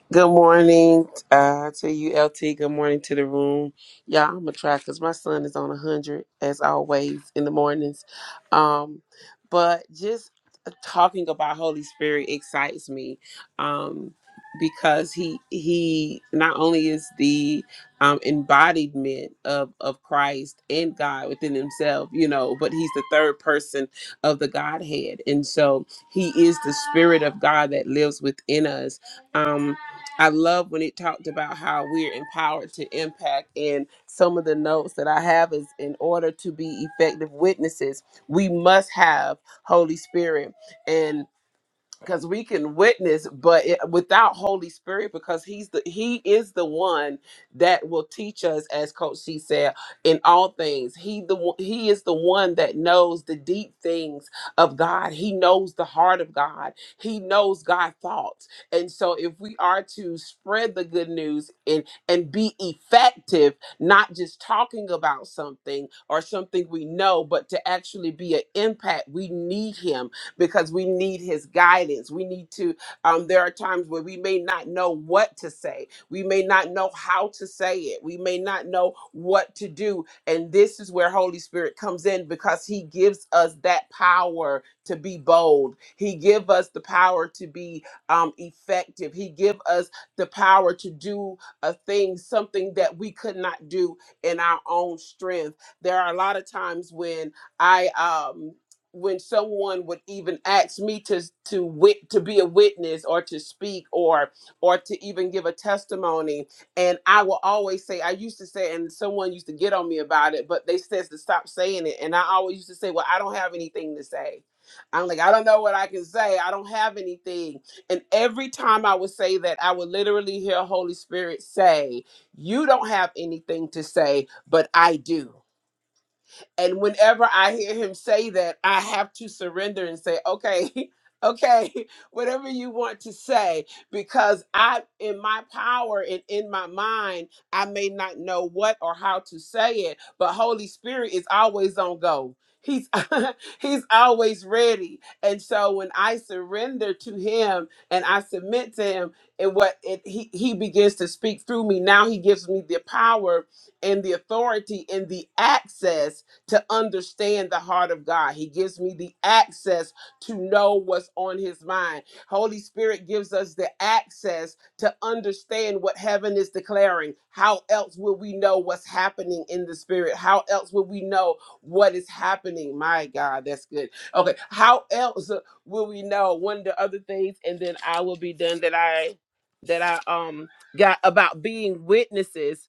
Speaker 2: Good morning uh, to you, LT. Good morning to the room. Yeah, I'm a try because my son is on 100 as always in the mornings. Um, but just uh, talking about Holy Spirit excites me um, because he he not only is the um, embodiment of, of Christ and God within himself, you know, but he's the third person of the Godhead. And so he is the Spirit of God that lives within us. Um, I love when it talked about how we're empowered to impact. And some of the notes that I have is in order to be effective witnesses, we must have Holy Spirit because we can witness but it, without holy spirit because he's the he is the one that will teach us as coach c said in all things he the one- he is the one that knows the deep things of god he knows the heart of god he knows God's thoughts and so if we are to spread the good news and and be effective not just talking about something or something we know but to actually be an impact we need him because we need his guidance. We need to, um, there are times where we may not know what to say. We may not know how to say it. We may not know what to do. And this is where Holy Spirit comes in because he gives us that power to be bold. He give us the power to be um, effective. He give us the power to do a thing, something that we could not do in our own strength. There are a lot of times when I um when someone would even ask me to to wit to be a witness or to speak or or to even give a testimony and i will always say i used to say and someone used to get on me about it but they says to stop saying it and i always used to say well i don't have anything to say i'm like i don't know what i can say i don't have anything and every time i would say that i would literally hear holy spirit say you don't have anything to say but i do and whenever I hear him say that, I have to surrender and say, okay, okay, whatever you want to say, because I, in my power and in my mind, I may not know what or how to say it, but Holy Spirit is always on go. He's he's always ready. And so when I surrender to him and I submit to him and what it, he, he begins to speak through me, now he gives me the power and the authority and the access to understand the heart of God. He gives me the access to know what's on his mind. Holy Spirit gives us the access to understand what heaven is declaring. How else will we know what's happening in the spirit? How else will we know what is happening? My God, that's good. Okay, how else uh, will we know one of the other things and then I will be done that I that I um got about being witnesses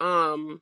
Speaker 2: um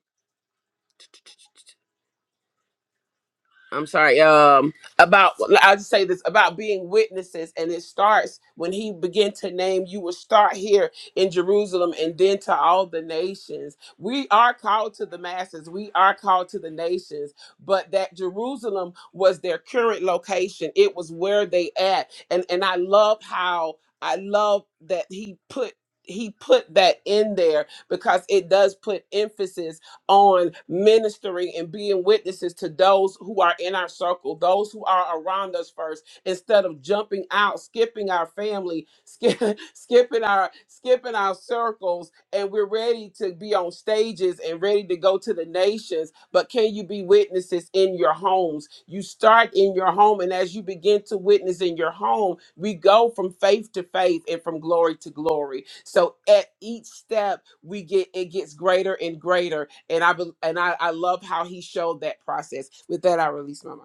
Speaker 2: I'm sorry. Um, about well, I'll just say this about being witnesses, and it starts when he began to name. You will start here in Jerusalem, and then to all the nations. We are called to the masses. We are called to the nations. But that Jerusalem was their current location. It was where they at, and and I love how I love that he put he put that in there because it does put emphasis on ministering and being witnesses to those who are in our circle, those who are around us first, instead of jumping out, skipping our family, skip, skipping our skipping our circles and we're ready to be on stages and ready to go to the nations. But can you be witnesses in your homes? You start in your home, and as you begin to witness in your home, we go from faith to faith and from glory to glory. So at each step, we get it gets greater and greater. And I bel- and I, I love how he showed that process. With that, I release my mic.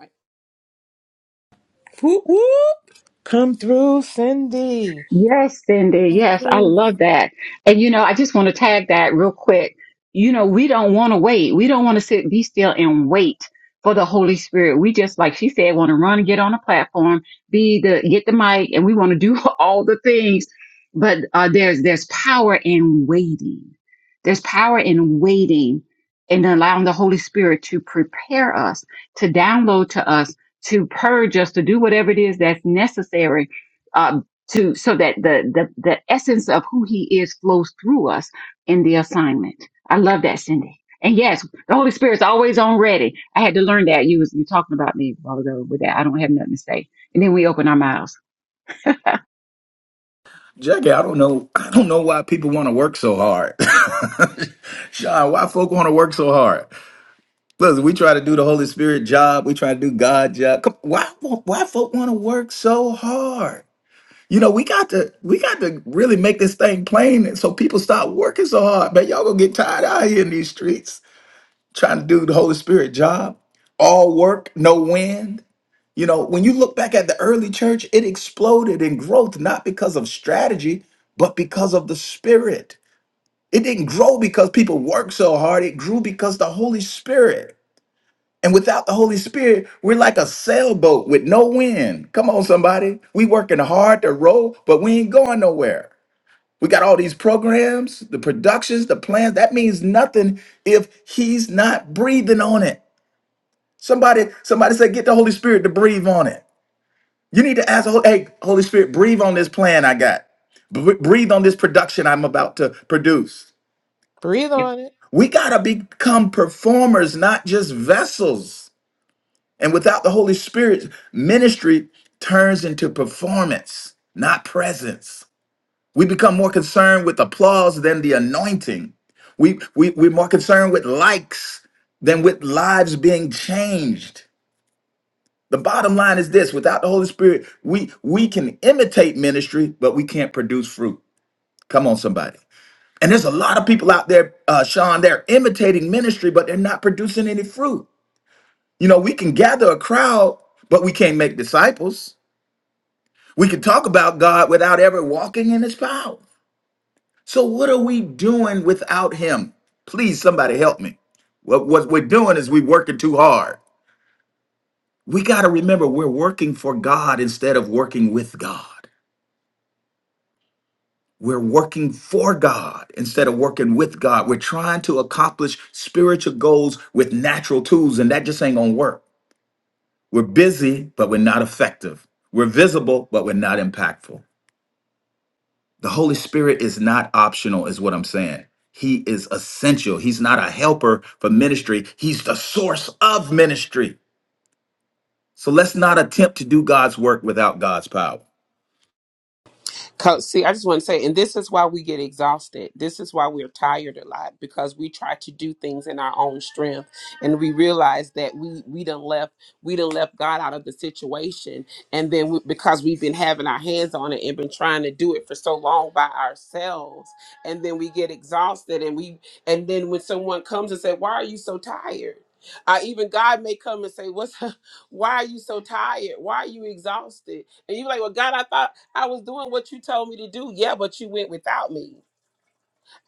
Speaker 1: Whoop, whoop. Come through, Cindy.
Speaker 3: Yes, Cindy. Yes, I
Speaker 1: Ooh.
Speaker 3: love that. And you know, I just want to tag that real quick. You know, we don't want to wait. We don't want to sit, be still and wait for the Holy Spirit. We just, like she said, want to run and get on a platform, be the, get the mic and we want to do all the things. But uh, there's, there's power in waiting. There's power in waiting and allowing the Holy Spirit to prepare us, to download to us, to purge us, to do whatever it is that's necessary uh, to so that the, the the essence of who he is flows through us in the assignment. I love that, Cindy. And yes, the Holy Spirit's always on ready. I had to learn that. You was you talking about me a while ago with that. I don't have nothing to say. And then we open our mouths.
Speaker 4: Jackie, I don't know. I don't know why people want to work so hard. Sean, why folk want to work so hard? Listen, we try to do the Holy Spirit job. We try to do God job. Come, why? Why folk want to work so hard? You know, we got to we got to really make this thing plain so people stop working so hard. Man, y'all gonna get tired out here in these streets trying to do the Holy Spirit job. All work, no wind. You know, when you look back at the early church, it exploded in growth not because of strategy, but because of the Spirit. It didn't grow because people worked so hard. It grew because the Holy Spirit. And without the Holy Spirit, we're like a sailboat with no wind. Come on, somebody. We working hard to row, but we ain't going nowhere. We got all these programs, the productions, the plans. That means nothing if he's not breathing on it. Somebody, somebody said, get the Holy Spirit to breathe on it. You need to ask, the Hol- hey, Holy Spirit, breathe on this plan I got. Br- Breathe on this production I'm about to produce.
Speaker 1: Breathe on it.
Speaker 4: We gotta become performers, not just vessels. And without the Holy Spirit, ministry turns into performance, not presence. We become more concerned with applause than the anointing. We, we, we're more concerned with likes than with lives being changed. The bottom line is this without the Holy Spirit, we, we can imitate ministry, but we can't produce fruit. Come on, somebody. And there's a lot of people out there, uh, Sean, they're imitating ministry, but they're not producing any fruit. You know, we can gather a crowd, but we can't make disciples. We can talk about God without ever walking in his power. So what are we doing without him? Please, somebody help me. What, what we're doing is we're working too hard. We got to remember we're working for God instead of working with God. We're working for God instead of working with God. We're trying to accomplish spiritual goals with natural tools, and that just ain't gonna work. We're busy, but we're not effective. We're visible, but we're not impactful. The Holy Spirit is not optional, is what I'm saying. He is essential. He's not a helper for ministry, He's the source of ministry. So let's not attempt to do God's work without God's power.
Speaker 2: Co- See, I just want to say, and this is why we get exhausted. This is why we're tired a lot because we try to do things in our own strength, and we realize that we we done left we done left God out of the situation, and then we, because we've been having our hands on it and been trying to do it for so long by ourselves, and then we get exhausted, and we and then when someone comes and say, "Why are you so tired?" Uh, even God may come and say, "What's? Why are you so tired? Why are you exhausted?" And you're like, "Well, God, I thought." I was doing what you told me to do. Yeah, but you went without me.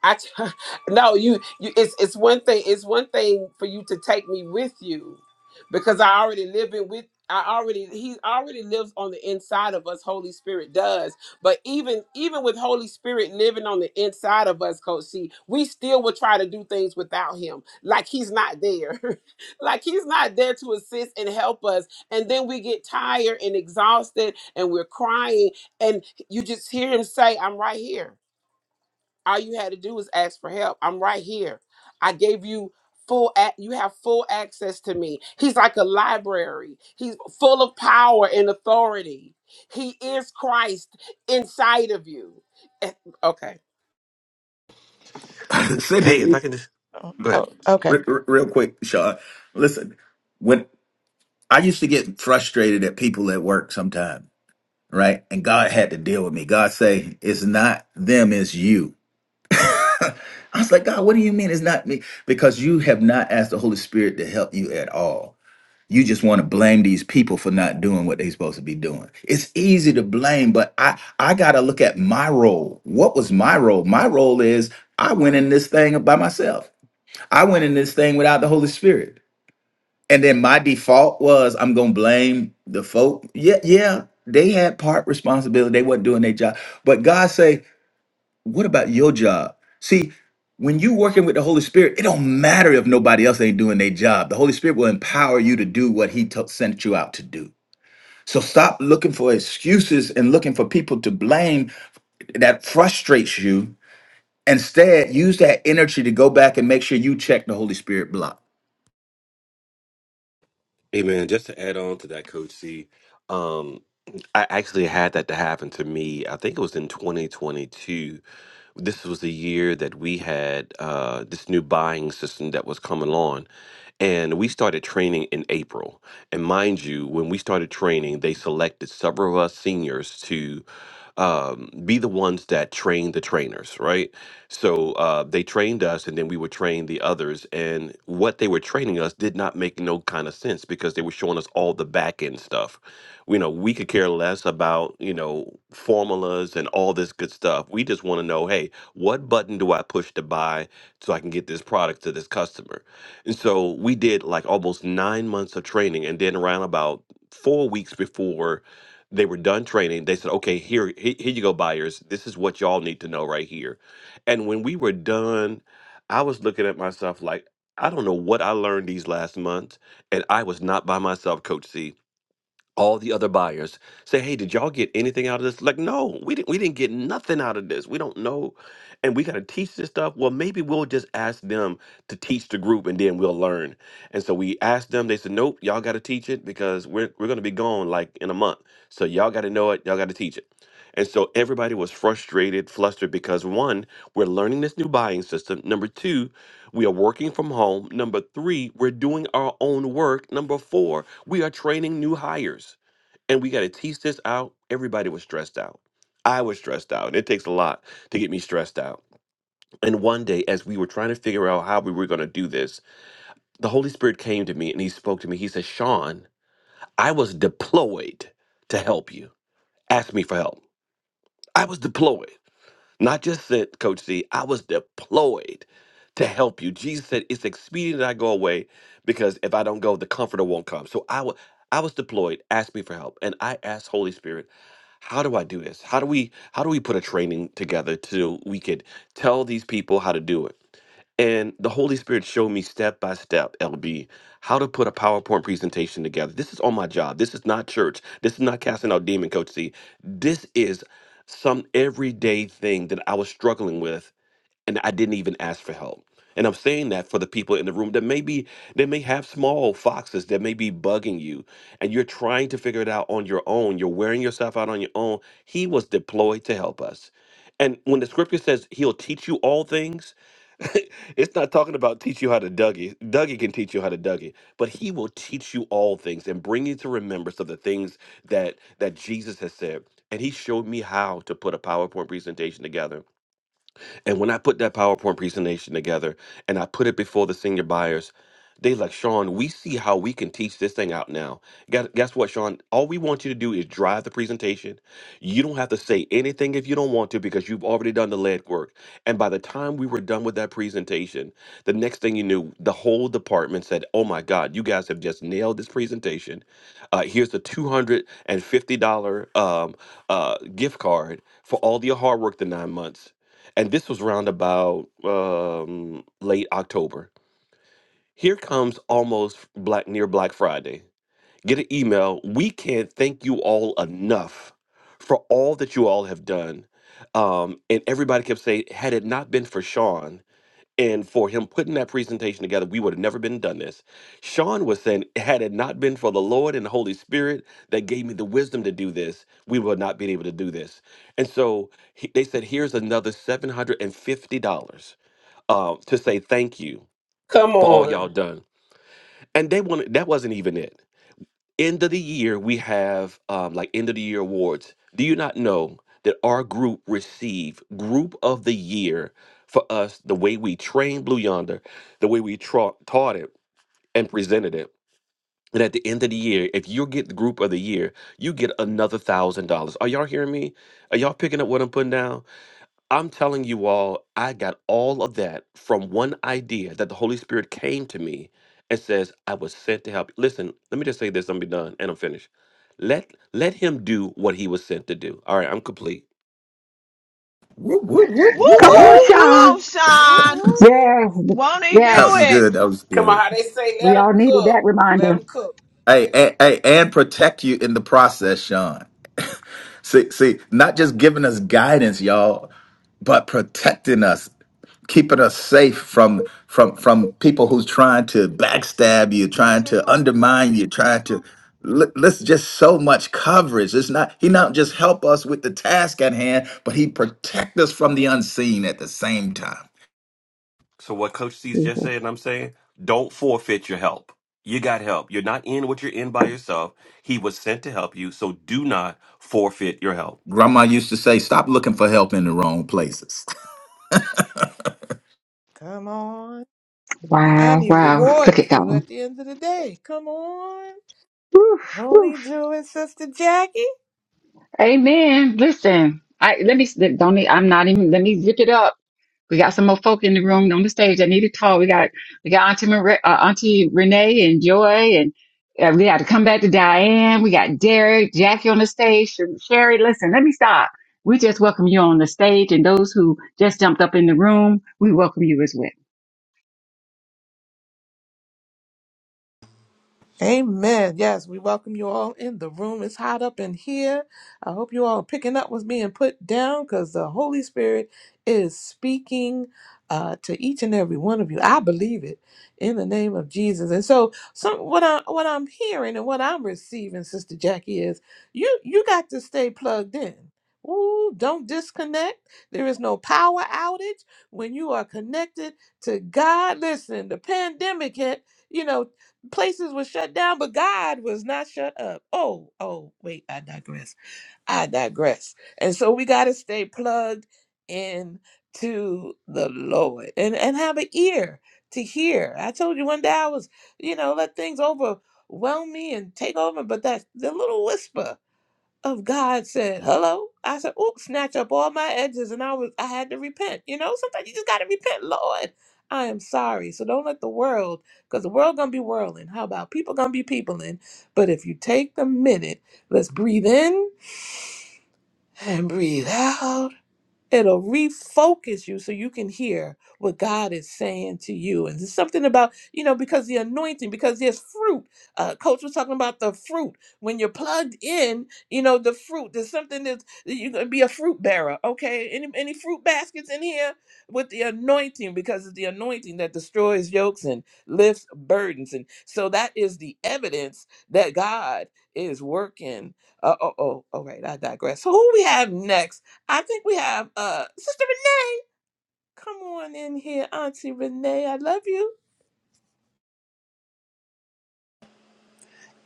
Speaker 2: I t- no, you, you. It's it's one thing. It's one thing for you to take me with you, because I already live in with. I already he already lives on the inside of us. Holy Spirit does. But even even with Holy Spirit living on the inside of us, Coach C, we still will try to do things without him, like he's not there, like he's not there to assist and help us. And then we get tired and exhausted, and we're crying, and you just hear him say, "I'm right here." All you had to do was ask for help. I'm right here. I gave you full ac- you have full access to me. He's like a library. He's full of power and authority. He is Christ inside of you. Eh, Okay.
Speaker 8: Hey, if I
Speaker 4: Cindy,
Speaker 8: can just
Speaker 1: Oh,
Speaker 8: go ahead.
Speaker 1: oh, okay.
Speaker 4: re- re- real quick, Sean, listen, when I used to get frustrated at people at work sometime, right? And God had to deal with me. God say, it's not them, it's you. I was like, God, what do you mean it's not me? Because you have not asked the Holy Spirit to help you at all you just want to blame these people for not doing what they're supposed to be doing it's easy to blame but i i gotta look at my role what was my role my role is i went in this thing by myself i went in this thing without the holy spirit and then my default was i'm gonna blame the folk yeah yeah they had part responsibility they wasn't doing their job but god say what about your job? See, when you working with the Holy Spirit, it don't matter if nobody else ain't doing their job. The Holy Spirit will empower you to do what He to- sent you out to do. So stop looking for excuses and looking for people to blame that frustrates you. Instead, use that energy to go back and make sure you check the Holy Spirit block.
Speaker 8: Hey man, just to add on to that, Coach C, um, I actually had that to happen to me. I think it was in 2022. This was the year that we had uh, this new buying system that was coming on, and we started training in April. And mind you, when we started training, they selected several of us seniors to um, be the ones that train the trainers, right? So uh, they trained us, and then we would train the others. And what they were training us did not make no kind of sense because they were showing us all the back end stuff. You know, we could care less about you know formulas and all this good stuff. We just want to know, hey, what button do I push to buy so I can get this product to this customer? And so we did like almost nine months of training, and then around about four weeks before they were done training, they said, "Okay, here, he- here you go, buyers. This is what y'all need to know right here." And when we were done, I was looking at myself like, I don't know what I learned these last months, and I was not by myself, Coach C all the other buyers say hey did y'all get anything out of this like no we didn't we didn't get nothing out of this we don't know and we got to teach this stuff well maybe we'll just ask them to teach the group and then we'll learn and so we asked them they said nope y'all got to teach it because we're, we're going to be gone like in a month so y'all got to know it y'all got to teach it and so everybody was frustrated flustered because one we're learning this new buying system number two we are working from home number three we're doing our own work number four we are training new hires and we got to tease this out. Everybody was stressed out. I was stressed out, and it takes a lot to get me stressed out. And one day, as we were trying to figure out how we were going to do this, the Holy Spirit came to me and he spoke to me. He said, Sean, I was deployed to help you. Ask me for help. I was deployed. Not just sent, Coach C, I was deployed to help you. Jesus said, It's expedient that I go away because if I don't go, the comforter won't come. So I wa- I was deployed, asked me for help. And I asked Holy Spirit, how do I do this? How do we how do we put a training together so we could tell these people how to do it? And the Holy Spirit showed me step by step, LB, how to put a PowerPoint presentation together. This is on my job. This is not church. This is not casting out demon, Coach C. This is some everyday thing that I was struggling with, and I didn't even ask for help. And I'm saying that for the people in the room that maybe they may have small foxes that may be bugging you, and you're trying to figure it out on your own. You're wearing yourself out on your own. He was deployed to help us. And when the scripture says he'll teach you all things, it's not talking about teach you how to Dougie. Dougie can teach you how to Dougie, but he will teach you all things and bring you to remembrance of the things that that Jesus has said. And he showed me how to put a PowerPoint presentation together and when I put that PowerPoint presentation together and I put it before the senior buyers, they like, Sean, we see how we can teach this thing out now. Guess guess what, Sean? All we want you to do is drive the presentation. You don't have to say anything if you don't want to because you've already done the lead work. And by the time we were done with that presentation, the next thing you knew, the whole department said, Oh my God, you guys have just nailed this presentation. Uh, here's the $250 um, uh, gift card for all your hard work the nine months and this was around about um, late October. Here comes almost black near Black Friday. Get an email. We can't thank you all enough for all that you all have done. Um, and everybody kept saying, had it not been for Sean, and for him putting that presentation together, we would have never been done this. Sean was saying, had it not been for the Lord and the Holy Spirit that gave me the wisdom to do this, we would not been able to do this. And so he, they said, here's another seven hundred and fifty dollars uh, to say thank you
Speaker 2: Come
Speaker 8: for all y'all
Speaker 2: on.
Speaker 8: done. And they wanted that wasn't even it end of the year we have um, like end of the year awards do you not know that our group received group of the year for us the way we trained blue yonder the way we tra- taught it and presented it and at the end of the year if you get the group of the year you get another thousand dollars are y'all hearing me are y'all picking up what i'm putting down I'm telling you all, I got all of that from one idea that the Holy Spirit came to me and says, I was sent to help. Listen, let me just say this, I'm be done, and I'm finished. Let let him do what he was sent to do. All right, I'm complete.
Speaker 4: Whoop, whoop,
Speaker 7: Woo
Speaker 4: whoop, whoop,
Speaker 3: Come on,
Speaker 1: Whoop,
Speaker 7: woo!
Speaker 4: whoop.
Speaker 7: Come
Speaker 3: Sean.
Speaker 1: whoop.
Speaker 7: on,
Speaker 1: Whoop,
Speaker 7: Sean.
Speaker 1: whoop.
Speaker 3: Yes,
Speaker 7: Won't he do
Speaker 4: That was
Speaker 3: yes.
Speaker 7: it?
Speaker 4: good. That was
Speaker 2: Come on.
Speaker 4: good.
Speaker 2: How they say let
Speaker 3: We
Speaker 2: him
Speaker 3: all needed that
Speaker 2: cook. Let
Speaker 3: reminder.
Speaker 2: him cook.
Speaker 4: Hey, and, hey, and protect you in the process, Sean. See, see, not just giving us guidance, y'all, but protecting us, keeping us safe from from from people who's trying to backstab you, trying to undermine you, trying to li- listen. Just so much coverage. It's not he not just help us with the task at hand, but he protect us from the unseen at the same time.
Speaker 8: So what Coach C's just said, and I'm saying, don't forfeit your help. You got help. You're not in what you're in by yourself. He was sent to help you, so do not forfeit your help.
Speaker 4: Grandma used to say, "Stop looking for help in the wrong places."
Speaker 1: Come on. And
Speaker 3: Wow,
Speaker 1: he
Speaker 3: wow. Look at
Speaker 1: rewards you
Speaker 3: God.
Speaker 1: at the end of the day. Come on.
Speaker 3: Woof,
Speaker 1: Won't he
Speaker 3: woof.
Speaker 1: do it, Sister Jackie?
Speaker 3: Amen. Listen, I let me don't. Need, I'm not even. Let me zip it up. We got some more folk in the room on the stage that need to talk. We got we got Auntie Mar- uh, Auntie Renee and Joy, and uh, we got to come back to Diane. We got Derek, Jackie on the stage. Sher- Sherry, listen, let me stop. We just welcome you on the stage, and those who just jumped up in the room, we welcome you as well.
Speaker 1: Amen. Yes, we welcome you all in the room. It's hot up in here. I hope you all are picking up what's being put down because the Holy Spirit is speaking uh, to each and every one of you. I believe it in the name of Jesus. And so, some what I what I'm hearing and what I'm receiving, Sister Jackie, is you you got to stay plugged in. Ooh, don't disconnect. There is no power outage when you are connected to God. Listen, the pandemic hit you know places were shut down, but God was not shut up. Oh, oh, wait, I digress. I digress. And so we got to stay plugged in to the Lord and, and have an ear to hear. I told you one day I was, you know, let things overwhelm me and take over, but that the little whisper of God said, "Hello." I said, "Oop!" Snatch up all my edges, and I was I had to repent. You know, sometimes you just gotta repent, Lord. I am sorry. So don't let the world, because the world gonna be whirling. How about people gonna be peopling? But if you take the minute, let's breathe in and breathe out. It'll refocus you so you can hear what God is saying to you. And there's something about, you know, because the anointing, because there's fruit. Uh, Coach was talking about the fruit. When you're plugged in, you know, the fruit, there's something that's, that you're going to be a fruit bearer. Okay. Any, any fruit baskets in here with the anointing because it's the anointing that destroys yokes and lifts burdens. And so that is the evidence that God is working. Uh, oh, oh, all right. I digress. So who we have next? I think we have uh Sister Renee. Come on in here, Auntie Renee. I love you.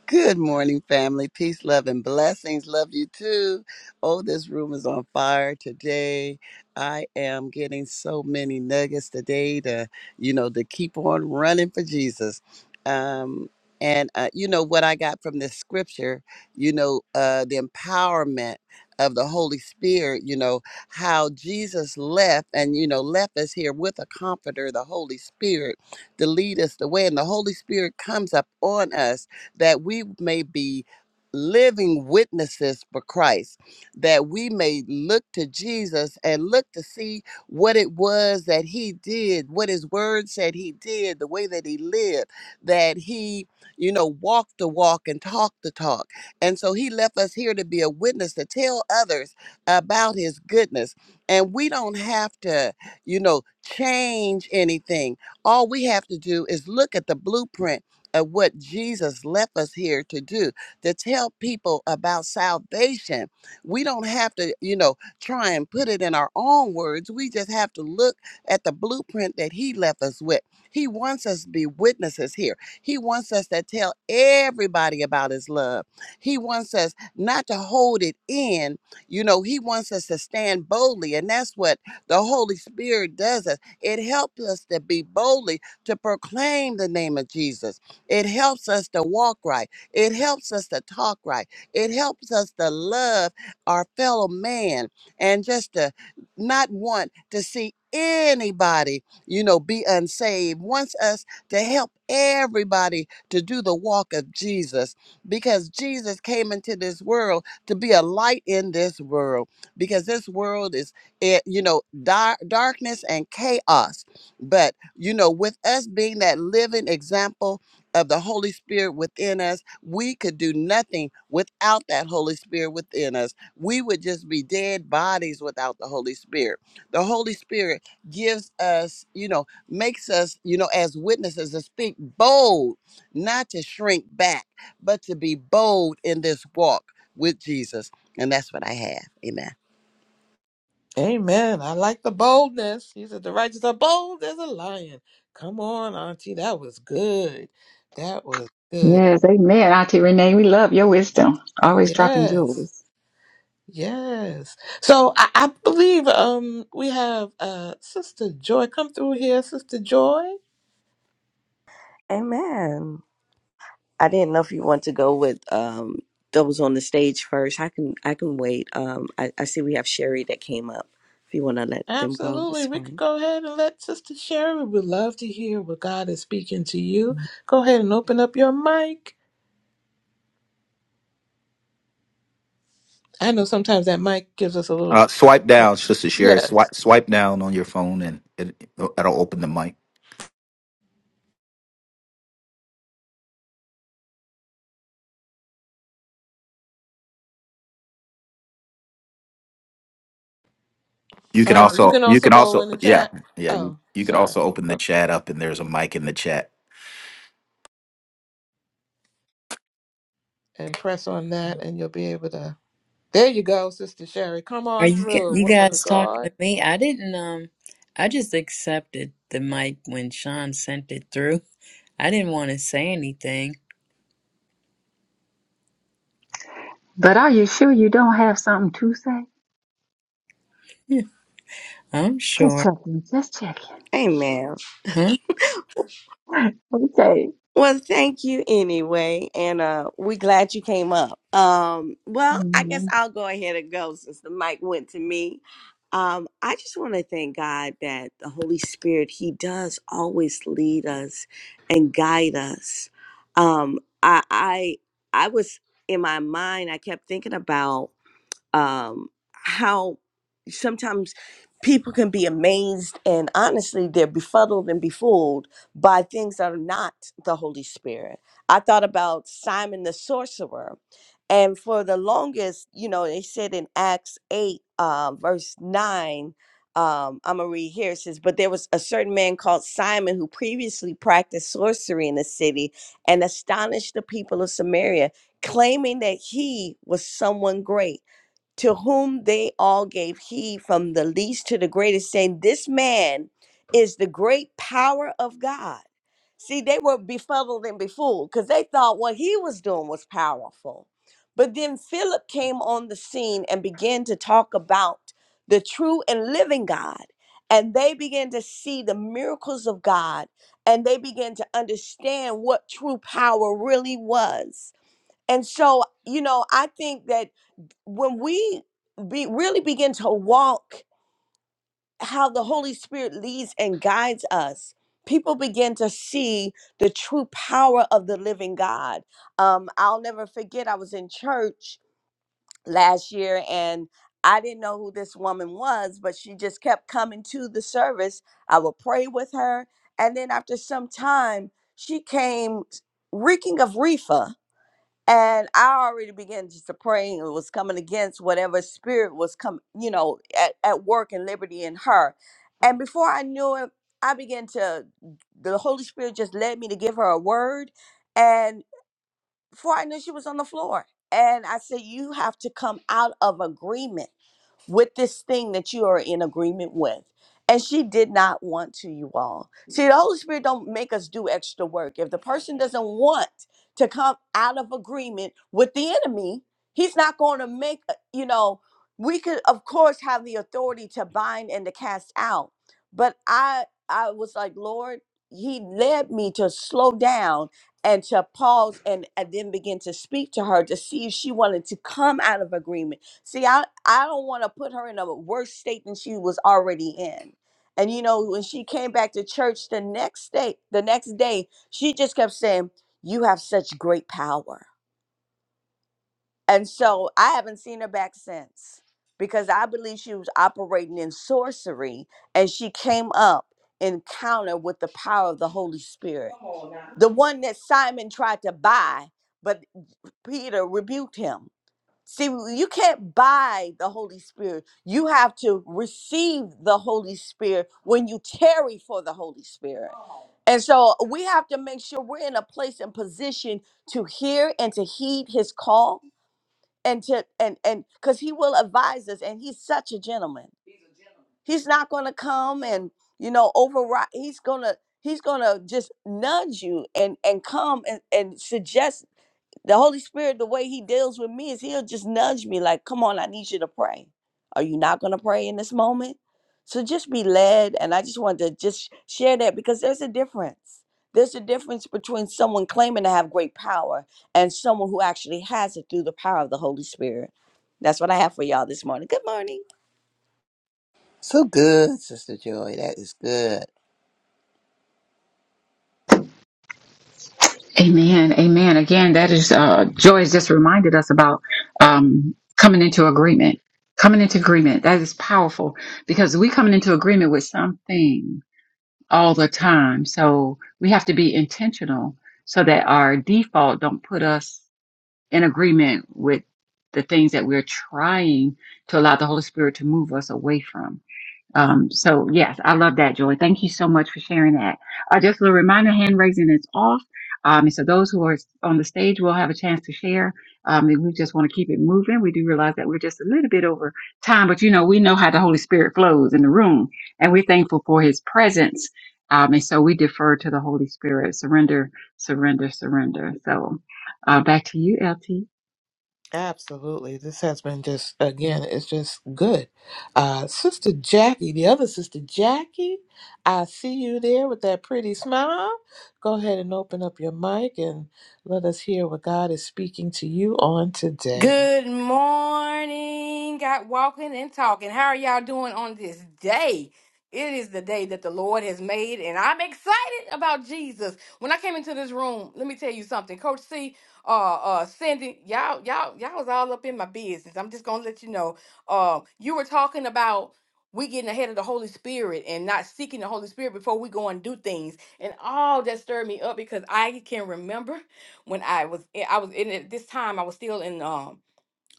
Speaker 6: Good morning, family. Peace, love, and blessings. Love you too. Oh, this room is on fire today. I am getting so many nuggets today to, you know, to keep on running for Jesus. Um, and uh, you know what I got from this scripture, you know, uh, the empowerment of the Holy Spirit, you know, how Jesus left and, you know, left us here with a comforter, the Holy Spirit, to lead us the way. And the Holy Spirit comes up on us that we may be living witnesses for Christ, that we may look to Jesus and look to see what it was that he did, what his word said he did, the way that he lived, that he, you know, walked the walk and talked the talk. And so he left us here to be a witness to tell others about his goodness. And we don't have to, you know, change anything. All we have to do is look at the blueprint of what Jesus left us here to do, to tell people about salvation. We don't have to, you know, try and put it in our own words. We just have to look at the blueprint that he left us with. He wants us to be witnesses here. He wants us to tell everybody about his love. He wants us not to hold it in. You know, he wants us to stand boldly, and that's what the Holy Spirit does us. It helps us to be boldly to proclaim the name of Jesus. It helps us to walk right. It helps us to talk right. It helps us to love our fellow man and just to not want to see anybody, you know, be unsaved. Wants us to help everybody to do the walk of Jesus because Jesus came into this world to be a light in this world because this world is, eh, you know, dar- darkness and chaos. But, you know, with us being that living example, of the Holy Spirit within us, we could do nothing without that Holy Spirit within us. We would just be dead bodies without the Holy Spirit. The Holy Spirit gives us, you know, makes us, you know, as witnesses to speak bold, not to shrink back, but to be bold in this walk with Jesus. And that's what I have. Amen.
Speaker 1: Amen. I like the boldness. He said the righteous are bold as a lion. Come on, Auntie. That was good. That was good.
Speaker 3: Yes, Amen, Auntie Renee. We love your wisdom. Always dropping
Speaker 1: Yes.
Speaker 3: jewels.
Speaker 1: Yes. So I, I believe um we have uh Sister Joy. Come through here, Sister Joy.
Speaker 9: Amen. I didn't know if you want to go with um those on the stage first. I can I can wait. Um I, I see we have Sherry that came up. If you wanna let them go,
Speaker 1: Absolutely.
Speaker 9: that's
Speaker 1: We could
Speaker 9: fine.
Speaker 1: go ahead and let Sister Sherry. We would love to hear what God is speaking to you. Go ahead and open up your mic. I know sometimes that mic gives us a little.
Speaker 4: Uh, swipe down, Sister Sherry.
Speaker 1: Yes.
Speaker 4: Swipe, swipe down on your phone, and it, it'll open the mic. You can
Speaker 1: All right. You
Speaker 4: also
Speaker 1: can
Speaker 4: you
Speaker 1: also
Speaker 4: can
Speaker 1: go
Speaker 4: also
Speaker 1: in the
Speaker 4: yeah
Speaker 1: chat.
Speaker 4: yeah you,
Speaker 1: Oh,
Speaker 4: you could
Speaker 1: sorry.
Speaker 4: also open the
Speaker 1: Go
Speaker 4: chat up and there's a mic in the chat.
Speaker 1: and press on that, and you'll be able to. There you go, Sister Sherry. Come
Speaker 10: Are
Speaker 1: on
Speaker 10: you g-
Speaker 1: through,
Speaker 10: you
Speaker 1: woman of
Speaker 10: guys talking
Speaker 1: God.
Speaker 10: to me? I didn't um I just accepted the mic when Sean sent it through. I didn't want to say anything.
Speaker 3: But are you sure you don't have something to say?
Speaker 10: I'm
Speaker 3: Just
Speaker 10: sure.
Speaker 3: checking. Just checking.
Speaker 9: Amen.
Speaker 10: huh?
Speaker 3: Okay.
Speaker 9: Well, thank you anyway, and uh, we glad you came up. Um, well, I guess I'll go ahead and go since the mic went to me. Um, I just want to thank God that the Holy Spirit He does always lead us and guide us. Um, I, I I was in my mind, I kept thinking about um, how sometimes people can be amazed and honestly they're befuddled and befooled by things that are not the Holy Spirit. I thought about Simon the sorcerer. And for the longest, you know, they said in Acts 8, uh, verse 9, um, I'm going to read here. It says, But there was a certain man called Simon who previously practiced sorcery in the city and astonished the people of Samaria, claiming that he was someone great to whom they all gave heed from the least to the greatest, saying, This man is the great power of God. See, they were befuddled and befooled because they thought what he was doing was powerful. But then Philip came on the scene and began to talk about the true and living God. And they began to see the miracles of God and they began to understand what true power really was. And so, you know, I think that when we be, really begin to walk how the Holy Spirit leads and guides us, people begin to see the true power of the living God. Um, I'll never forget, I was in church last year and I didn't know who this woman was, but she just kept coming to the service. I would pray with her. And then after some time, she came reeking of reefer and I already began just to pray and was coming against whatever spirit was come, you know, at, at work and liberty in her. And before I knew it, I began to the Holy Spirit just led me to give her a word. And before I knew she was on the floor. And I said, You have to come out of agreement with this thing that you are in agreement with. And she did not want to, you all. See, the Holy Spirit don't make us do extra work. If the person doesn't want to come out of agreement with the enemy, he's not going to make, uh, you know, we could of course have the authority to bind and to cast out. But I I was like, Lord, he led me to slow down and to pause and, and then begin to speak to her to see if she wanted to come out of agreement See, I, I don't want to put her in a worse state than she was already in. And you know, when she came back to church the next day, the next day, she just kept saying, You have such great power. And so I haven't seen her back since because I believe she was operating in sorcery and she came up encounter with the power of the Holy Spirit. The one that Simon tried to buy, but Peter rebuked him See, you can't buy the Holy Spirit. You have to receive the Holy Spirit when you tarry for the Holy Spirit. And so uh, we have to make sure we're in a place and position to hear and to heed his call and to and and because he will advise us and he's such a gentleman. He's not gonna come and you know override he's gonna he's gonna just nudge you and and come and, and suggest the Holy Spirit, the way He deals with me is He'll just nudge me, like, come on, I need you to pray. Are you not going to pray in this moment? So just be led. And I just wanted to just share that because there's a difference. There's a difference between someone claiming to have great power and someone who actually has it through the power of the Holy Spirit. That's what I have for y'all this morning. Good morning.
Speaker 6: So good, Sister Joy. That is good.
Speaker 3: Amen. Amen. Again, that is uh Joy has just reminded us about um coming into agreement. Coming into agreement. That is powerful because we coming into agreement with something all the time. So we have to be intentional so that our default don't put us in agreement with the things that we're trying to allow the Holy Spirit to move us away from. Um, so yes, I love that, Joy. Thank you so much for sharing that. Uh, just a little reminder, hand raising is off. Um, and so those who are on the stage will have a chance to share. Um, and we just want to keep it moving. We do realize that we're just a little bit over time, but you know, we know how the Holy Spirit flows in the room and we're thankful for his presence. Um, and so we defer to the Holy Spirit, surrender, surrender, surrender. So, uh, back to you, LT.
Speaker 1: Absolutely. This has been just, again, it's just good. Uh, Sister Jackie, the other Sister Jackie, I see you there with that pretty smile. Go ahead and open up your mic and let us hear what God is speaking to you on today.
Speaker 11: Good morning. Got walking and talking. How are y'all doing on this day? It is the day that the Lord has made, and I'm excited about Jesus. When I came into this room, let me tell you something. Coach C, uh, uh, Cindy, y'all, y'all, y'all was all up in my business. I'm just gonna let you know. Um, you were talking about we getting ahead of the Holy Spirit and not seeking the Holy Spirit before we go and do things, and all that stirred me up because I can remember when I was I was in it- this time I was still in um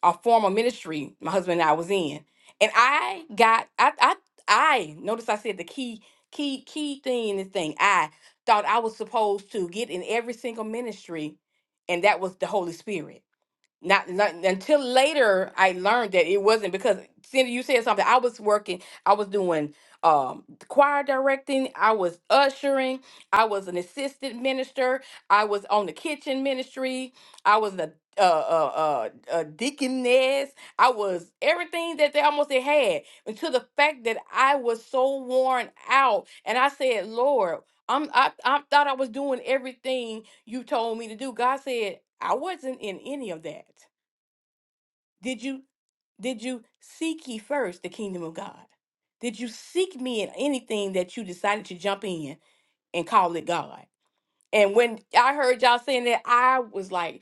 Speaker 11: a former ministry my husband and I was in. And I got I I I notice I said the key key key thing in this thing. I thought I was supposed to get in every single ministry and that was the Holy Spirit not, not until later i learned that it wasn't because cindy you said something i was working i was doing um choir directing i was ushering i was an assistant minister i was on the kitchen ministry i was the uh, uh, uh, uh, deaconess. I was everything that they almost had, had, until the fact that I was so worn out, and I said, "Lord, I'm I, I thought I was doing everything you told me to do. God said, I wasn't in any of that. Did you did you seek ye first the kingdom of God? Did you seek me in anything that you decided to jump in and call it God? And when I heard y'all saying that, I was like,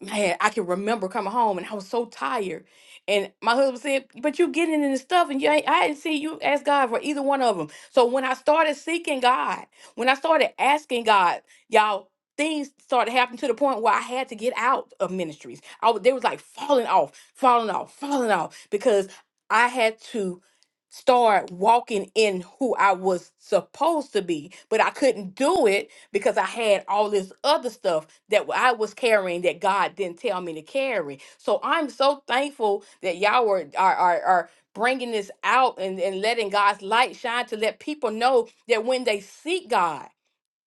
Speaker 11: man, I can remember coming home and I was so tired. And my husband said, But you getting in this stuff and you ain't, I didn't see you ask God for either one of them. So when I started seeking God, when I started asking God, y'all, things started happening to the point where I had to get out of ministries. I was, they was like falling off, falling off, falling off because I had to start walking in who I was supposed to be, but I couldn't do it because I had all this other stuff that I was carrying that God didn't tell me to carry. So I'm so thankful that y'all were, are, are, are bringing this out and, and letting God's light shine to let people know that when they seek God,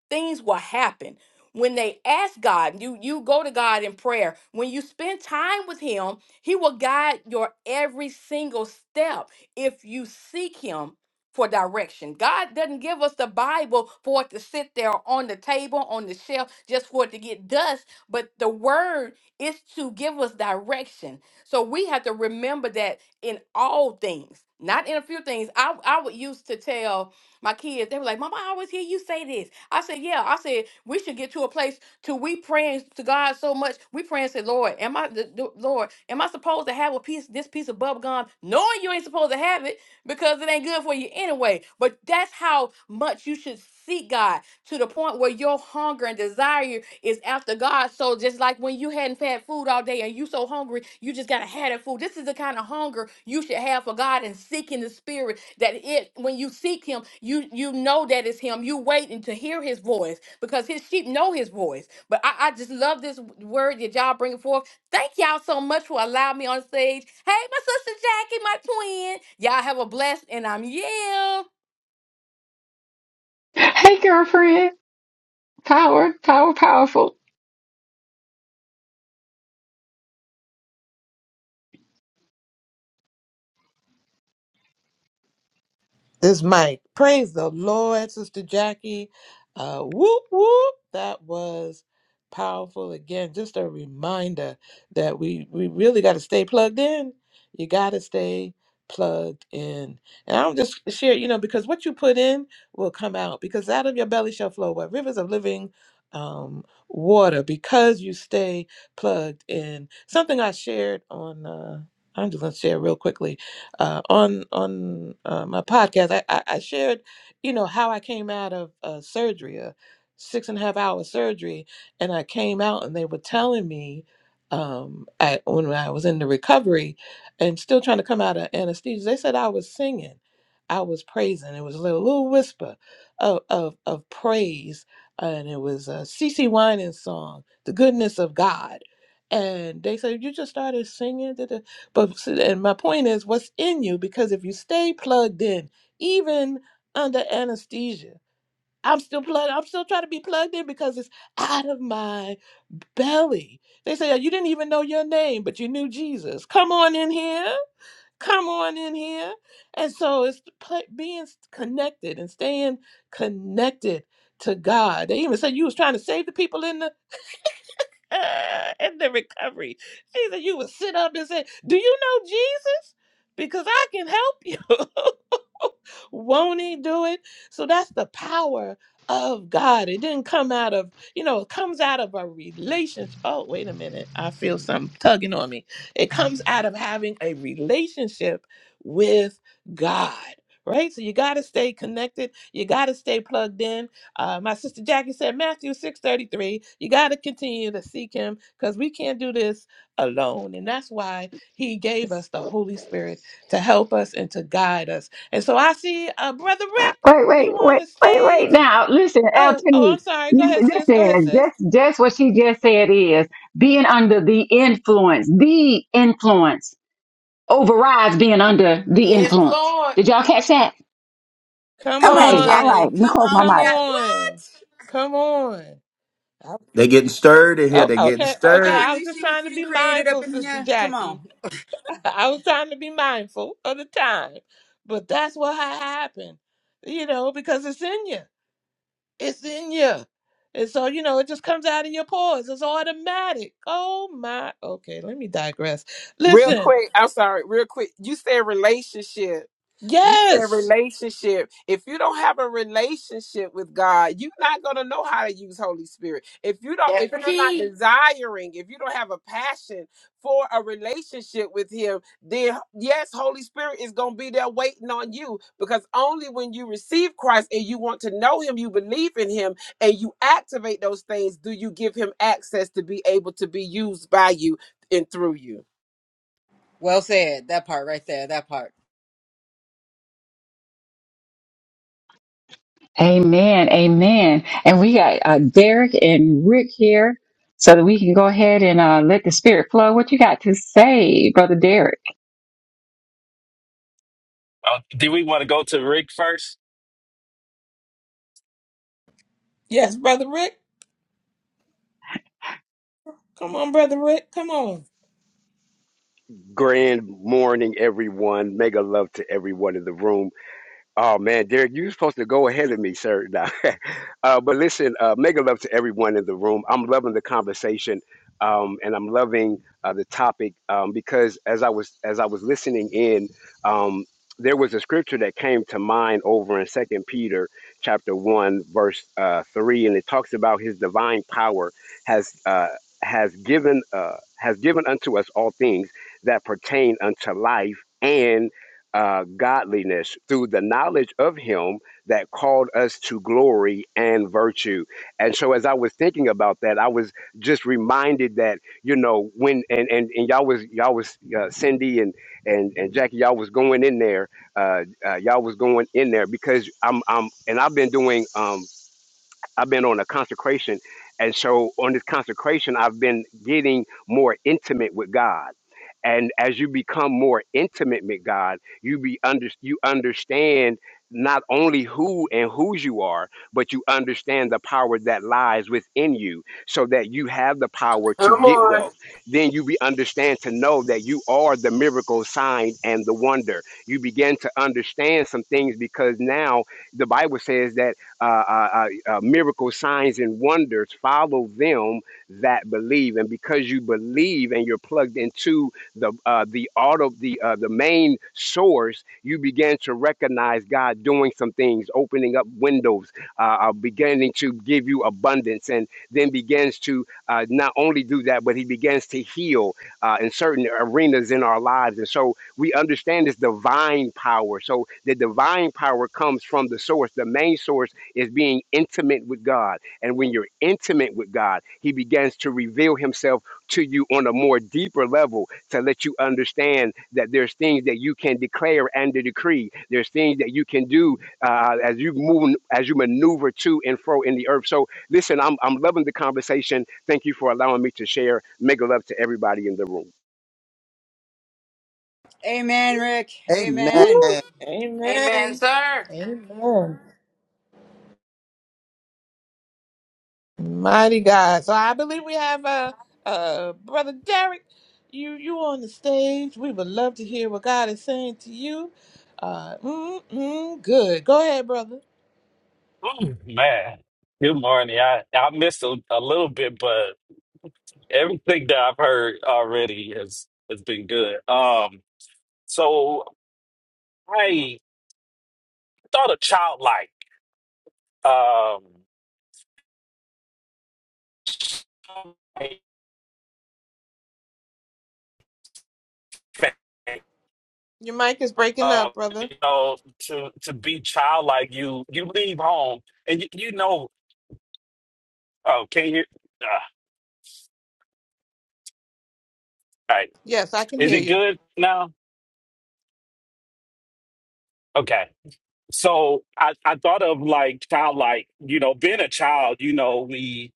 Speaker 11: things will happen when they ask god you you go to god in prayer when you spend time with him he will guide your every single step if you seek him for direction god doesn't give us the bible for it to sit there on the table on the shelf just for it to get dust but the word is to give us direction so we have to remember that in all things not in a few things i i would used to tell my kids they were like mama i always hear you say this I said, yeah. I said we should get to a place to we praying to God so much. We praying say, Lord, am I the, the- Lord? Am I supposed to have a piece this piece of bubble gum, knowing you ain't supposed to have it because it ain't good for you anyway? But that's how much you should seek God to the point where your hunger and desire is after God. So just like when you hadn't had food all day and you so hungry, you just gotta have that food. This is the kind of hunger you should have for God and seeking the Spirit. That it when you seek Him, you you know that it's Him. You waiting to hear His voice because His sheep know His voice. But I, I just love this word that y'all bringing forth. Thank y'all so much for allowing me on stage. Hey, my sister Jackie, my twin. Y'all have a blessed and I'm yeah.
Speaker 3: Hey, girlfriend. Power, power, powerful.
Speaker 1: This Mike. Praise the Lord, Sister Jackie. Uh, whoop, whoop. That was powerful. Again, just a reminder that we, we really got to stay plugged in. You got to stay plugged in. And I'll just share, you know, because what you put in will come out, because out of your belly shall flow what rivers of living um, water, because you stay plugged in. Something I shared on, uh, I'm just going to share real quickly uh, on on uh, my podcast, I, I, I shared, you know, how I came out of uh, surgery, a six and a half hour surgery, and I came out, and they were telling me, um, I, when I was in the recovery, and still trying to come out of anesthesia, they said I was singing, I was praising. It was a little, little whisper of of, of praise, and it was a CC Winans song, "The Goodness of God," and they said you just started singing. But and my point is, what's in you? Because if you stay plugged in, even under anesthesia, I'm still plugged. I'm still trying to be plugged in because it's out of my belly. They say oh, you didn't even know your name, but you knew Jesus. Come on in here. Come on in here. And so it's pl- being s- connected and staying connected to God. They even said you was trying to save the people in the and the recovery. She said, You would sit up and say, Do you know Jesus? Because I can help you. Won't he do it? So that's the power of God. It didn't come out of, you know, it comes out of a relationship. Oh, wait a minute. I feel something tugging on me. It comes out of having a relationship with God. Right? So you got to stay connected. You got to stay plugged in. Uh, my sister Jackie said, Matthew 6.33, you got to continue to seek him because we can't do this alone. And that's why he gave us the Holy Spirit to help us and to guide us and so I see uh, Brother Rick,
Speaker 3: Wait,
Speaker 1: you
Speaker 3: wait,
Speaker 1: on
Speaker 3: wait,
Speaker 1: the
Speaker 3: wait,
Speaker 1: stage.
Speaker 3: wait. Now, listen, LT,
Speaker 1: Oh, oh, I'm sorry. Go ahead, sis. Go ahead,
Speaker 3: listen,
Speaker 1: sis.
Speaker 3: just, just what she just said is being under the influence, the influence overrides being under the
Speaker 11: Yes,
Speaker 3: influence.
Speaker 11: Lord.
Speaker 3: Did y'all catch that?
Speaker 1: Come
Speaker 5: come on,
Speaker 3: Okay, all
Speaker 5: Jackie.
Speaker 3: right.
Speaker 1: on.
Speaker 3: Let me
Speaker 5: Come
Speaker 3: close my
Speaker 5: on,
Speaker 1: Come
Speaker 3: mic.
Speaker 5: Jack. What?
Speaker 1: on. Come on.
Speaker 4: They
Speaker 1: Oh,
Speaker 4: getting stirred in here. They getting
Speaker 1: okay, okay.
Speaker 4: stirred.
Speaker 1: I
Speaker 5: Don,
Speaker 1: was
Speaker 5: you
Speaker 1: just
Speaker 5: see what
Speaker 1: trying
Speaker 5: you
Speaker 1: to
Speaker 5: done
Speaker 1: be
Speaker 5: created up
Speaker 1: mindful,
Speaker 5: in
Speaker 1: Sister
Speaker 5: here? Come
Speaker 1: Jackie.
Speaker 5: on.
Speaker 1: I was trying to be mindful of the time. But that's what ha- happened, you know, because it's in you. It's in you. And so, you know, it just comes out of your pores. It's automatic. Oh, my. Okay, let me digress.
Speaker 2: Real
Speaker 1: Listen.
Speaker 2: quick. I'm sorry. Real quick. You said relationship. You said
Speaker 1: Yes.
Speaker 2: relationship. If you don't have a relationship with God, you're not gonna know how to use Holy Spirit. If you don't,
Speaker 11: That's
Speaker 2: if
Speaker 11: the
Speaker 2: you're not
Speaker 11: key.
Speaker 2: desiring, if you don't have a passion for a relationship with Him, then yes, Holy Spirit is gonna be there waiting on you. Because only when you receive Christ and you want to know Him, you believe in Him, and you activate those things, do you give Him access to be able to be used by you and through you?
Speaker 5: Well said. That part right there. That part.
Speaker 3: Amen, amen. And we got uh, Derek and Rick here so that we can go ahead and uh, let the spirit flow. What you got to say, Brother Derek?
Speaker 12: Oh, do we want to go to Rick first?
Speaker 1: Yes, Brother Rick. Come on, Brother Rick. Come on.
Speaker 13: Grand morning, everyone. Mega love to everyone in the room. Oh man, Derek, you're supposed to go ahead of me, sir. Nah. uh, but listen, uh, mega love to everyone in the room. I'm loving the conversation, um, and I'm loving uh, the topic um, because as I was as I was listening in, um, there was a scripture that came to mind over in Second Peter chapter one verse uh, three, and it talks about His divine power has uh, has given uh, has given unto us all things that pertain unto life and uh, godliness through the knowledge of him that called us to glory and virtue. And so as I was thinking about that, I was just reminded that, you know, when and and, and y'all was y'all was uh, Cindy and and and Jackie y'all was going in there uh, uh y'all was going in there because I'm I'm and I've been doing um I've been on a consecration. And so on this consecration, I've been getting more intimate with God. And as you become more intimate with God, you be under, you understand not only who and whose you are, but you understand the power that lies within you so that you have the power to
Speaker 2: Come
Speaker 13: get wealth.
Speaker 2: on.
Speaker 13: Then you be understand to know that you are the miracle sign and the wonder. You begin to understand some things because now the Bible says that uh, uh, uh, uh, miracles, signs, and wonders follow them that believe. And because you believe and you're plugged into the uh, the auto the uh, the main source, you begin to recognize God doing some things, opening up windows, uh, uh, beginning to give you abundance, and then begins to uh, not only do that, but He begins to heal uh, in certain arenas in our lives. And so we understand this divine power. So the divine power comes from the source, the main source is being intimate with God. And when you're intimate with God, He begins to reveal Himself to you on a more deeper level to let you understand that there's things that you can declare and to decree. There's things that you can do uh, as you move, as you maneuver to and fro in the earth. So listen, I'm, I'm loving the conversation. Thank you for allowing me to share. Make love to everybody in the room.
Speaker 5: Amen, Rick.
Speaker 6: Amen.
Speaker 5: Amen.
Speaker 11: Amen,
Speaker 1: Amen.
Speaker 11: sir.
Speaker 1: Amen. Mighty God. So I believe we have uh uh Brother Derek. You you on the stage. We would love to hear what God is saying to you. Uh mm, mm, good. Go ahead, brother.
Speaker 12: Oh, man. Good morning. I, I missed a, a little bit, but everything that I've heard already has, has been good. Um, so I thought of childlike. Um,
Speaker 1: Your mic is breaking
Speaker 12: um,
Speaker 1: up, brother.
Speaker 12: you know, to to be childlike, you you leave home and you, you know. Oh, can you? Uh, all right.
Speaker 1: Yes, I can
Speaker 12: Is
Speaker 1: hear
Speaker 12: it
Speaker 1: you.
Speaker 12: good now? Okay. so I, I thought of like childlike, you know, being a child, you know, we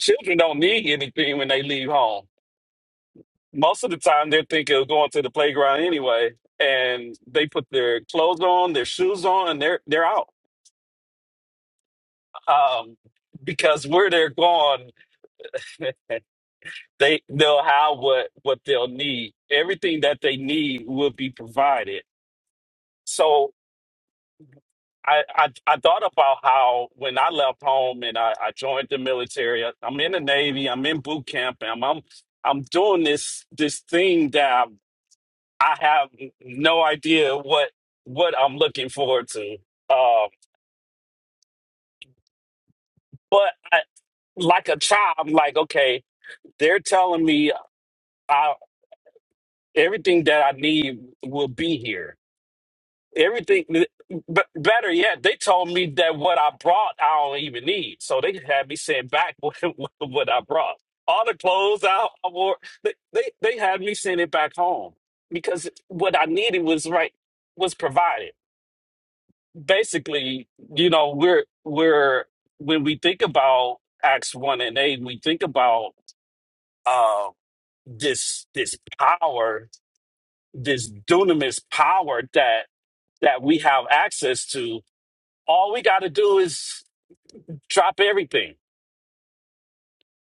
Speaker 12: children don't need anything when they leave home. Most of the time they're thinking of going to the playground anyway. And they put their clothes on, their shoes on, and they're they're out. Um, because where they're going, they they'll have what what they'll need. Everything that they need will be provided. So I, I I thought about how when I left home and I, I joined the military, I- I'm in the Navy, I'm in boot camp, and I'm I'm, I'm doing this this thing that I, have no idea what what I'm looking forward to. Uh, but I, like a child, I'm like, okay, they're telling me I, everything that I need will be here Everything, but better yet, they told me that what I brought, I don't even need. So they had me send back what, what I brought. All the clothes I, I wore, they, they, they had me send it back home because what I needed was right, was provided. Basically, you know, we're, we're, when we think about Acts 1 and 8, we think about uh, this, this power, this dunamis power that, that we have access to All we got to do is drop everything.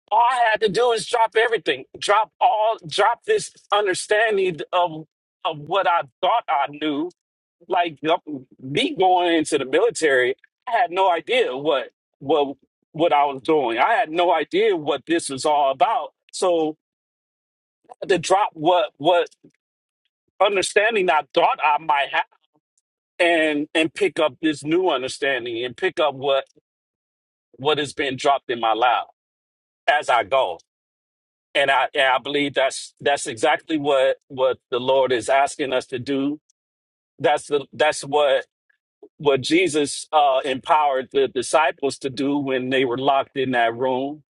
Speaker 12: All I had to do is drop everything. Drop all. Drop this understanding of of what I thought I knew. Like yup, me going into the military, I had no idea what what what I was doing. I had no idea what this was all about. So I had to drop what what understanding I thought I might have and and pick up this new understanding and pick up what what has been dropped in my lap as I go. and I and I believe that's that's exactly what what the Lord is asking us to do. That's the that's what what Jesus uh, empowered the disciples to do when they were locked in that room,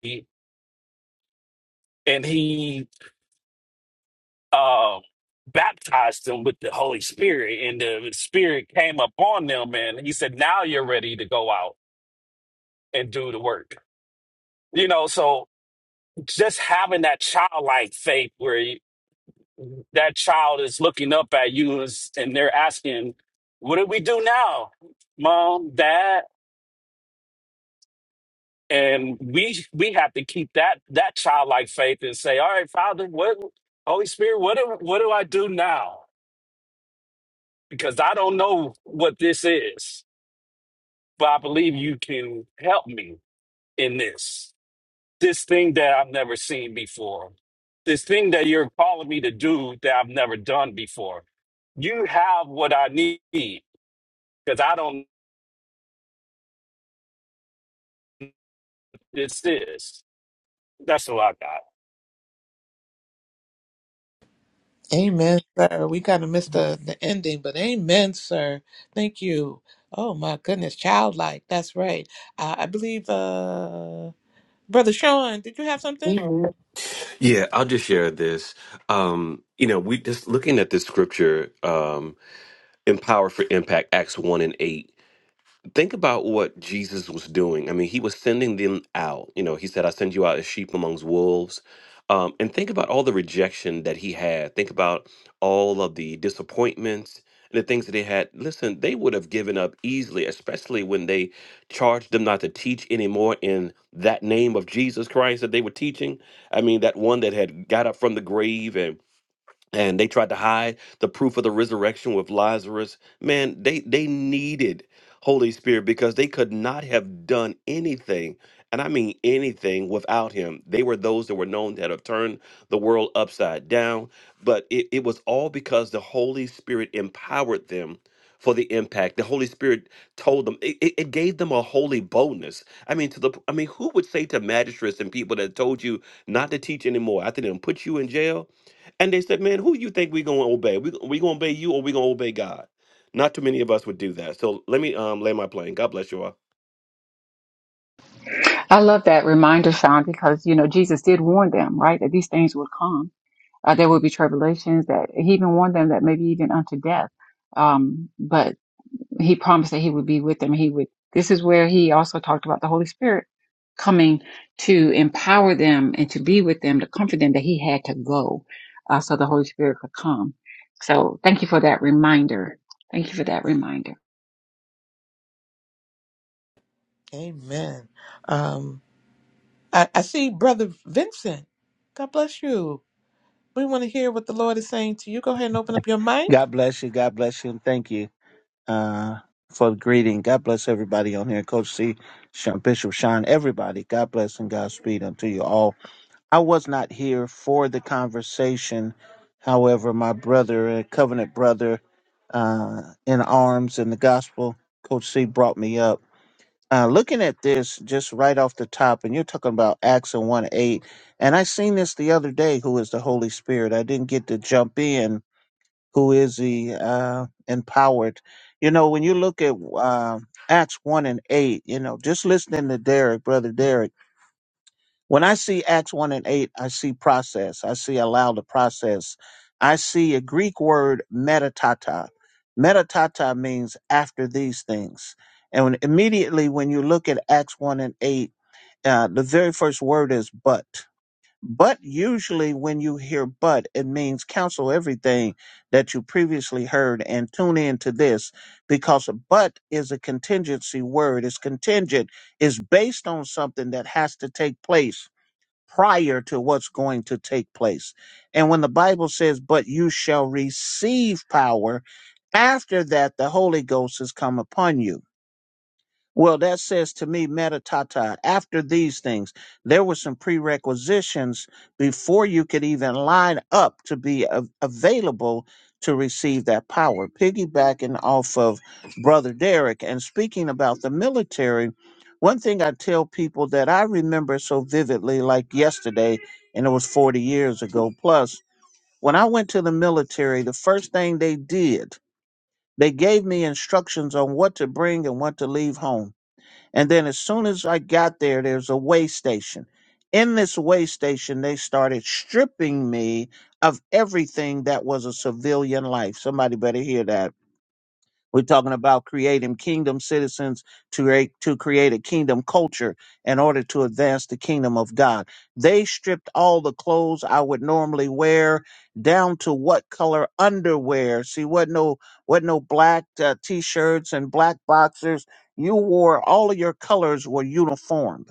Speaker 12: he, and he uh, baptized them with the Holy Spirit, and the Spirit came upon them, and he said, "Now you're ready to go out and do the work." You know, so just having that childlike faith where that child is looking up at you and s- and they're asking, "What do we do now, mom, dad?" And we we have to keep that that childlike faith and say, "All right, Father, what Holy Spirit, what do what do I do now? Because I don't know what this is, but I believe you can help me in this this thing that I've never seen before." This thing that you're calling me to do that I've never done before. You have what I need because I don't this is. That's all I got.
Speaker 1: Amen, sir. We kind of missed the, the ending, but amen, sir. Thank you. Oh my goodness, childlike. That's right. Uh, I believe, uh, brother Sean, did you have something?
Speaker 8: Yeah, I'll just share this. Um, you know, we just looking at this scripture. Um, Empower for Impact, Acts 1 and 8. Think about what Jesus was doing. I mean, he was sending them out. You know, he said, I send you out as sheep amongst wolves. Um, and think about all the rejection that he had. Think about all of the disappointments and the things that they had. Listen, they would have given up easily, especially when they charged them not to teach anymore in that name of Jesus Christ that they were teaching. I mean, that one that had got up from the grave and they tried to hide the proof of the resurrection with Lazarus. Man, they they needed Holy Spirit because they could not have done anything, and I mean anything without him. They were those that were known that have turned the world upside down, but it, it was all because the Holy Spirit empowered them for the impact. The Holy Spirit told them it, it it gave them a holy boldness. I mean, to the I mean, who would say to magistrates and people that told you not to teach anymore after they done put you in jail? And they said, "Man, who you think we gonna obey? We we gonna obey you, or we gonna obey God?" Not too many of us would do that. So let me um, lay my plane. God bless you all.
Speaker 3: I love that reminder, Sean, because, you know, Jesus did warn them, right, that these things would come. uh, there will be tribulations that he even warned them that maybe even unto death um, but he promised that he would be with them he would this is where he also talked about the holy spirit coming to empower them and to be with them to comfort them that he had to go uh, so the holy spirit could come so thank you for that reminder thank you for that reminder
Speaker 1: Amen. Um, I, I see brother Vincent. God bless you. We want to hear what the Lord is saying to you. Go ahead and open up your mic.
Speaker 14: God bless you. God bless you. And thank you uh, for the greeting. God bless everybody on here. Coach C, Sean, Bishop Sean, everybody. God bless and Godspeed unto you all. I was not here for the conversation. However, my brother, a covenant brother uh, in arms in the gospel, Coach C brought me up. Uh, looking at this just right off the top, and you're talking about Acts and 1 8. And I seen this the other day, who is the Holy Spirit. I didn't get to jump in who is he uh, empowered. You know, when you look at um Acts 1 and 8, you know, just listening to Derek, Brother Derek, when I see Acts 1 and 8, I see process. I see allow the process. I see a Greek word, metatata. Metatata means after these things. And when, immediately when you look at Acts 1 and 8, uh, the very first word is but. But usually, when you hear but, it means cancel everything that you previously heard and tune in to this because a but is a contingency word. It's contingent, it's based on something that has to take place prior to what's going to take place. And when the Bible says, but you shall receive power, after that, the Holy Ghost has come upon you. Well, that says to me, metatata, after these things, there were some prerequisitions before you could even line up to be a- available to receive that power. Piggybacking off of Brother Derek and speaking about the military, one thing I tell people that I remember so vividly, like yesterday, and it was 40 years ago plus, when I went to the military, the first thing they did, they gave me instructions on what to bring and what to leave home and then as soon as I got there, there's a way station. In this way station, they started stripping me of everything that was a civilian life. Somebody better hear that we're talking about creating kingdom citizens to create, to create a kingdom culture in order to advance the kingdom of God. They stripped all the clothes I would normally wear down to what color underwear. See, what no what no black uh, t-shirts and black boxers. You wore all of your colors were uniform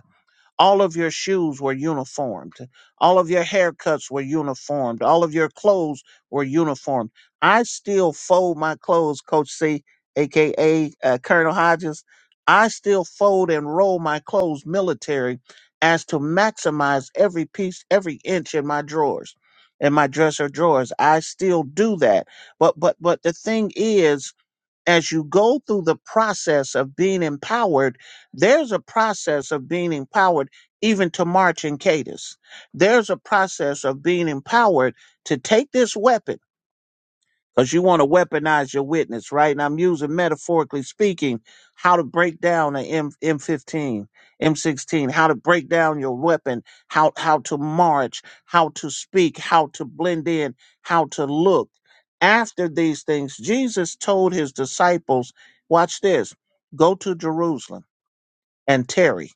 Speaker 14: all of your shoes were uniformed. All of your haircuts were uniformed. All of your clothes were uniformed. I still fold my clothes, Coach C, aka uh, Colonel Hodges. I still fold and roll my clothes military as to maximize every piece, every inch in my drawers, in my dresser drawers. I still do that. But but but the thing is as you go through the process of being empowered, there's a process of being empowered even to march in Cadus. There's a process of being empowered to take this weapon because you want to weaponize your witness, right? And I'm using metaphorically speaking how to break down an M M15, M16, how to break down your weapon, how how to march, how to speak, how to blend in, how to look. After these things, Jesus told his disciples, "Watch this: Go to Jerusalem and tarry."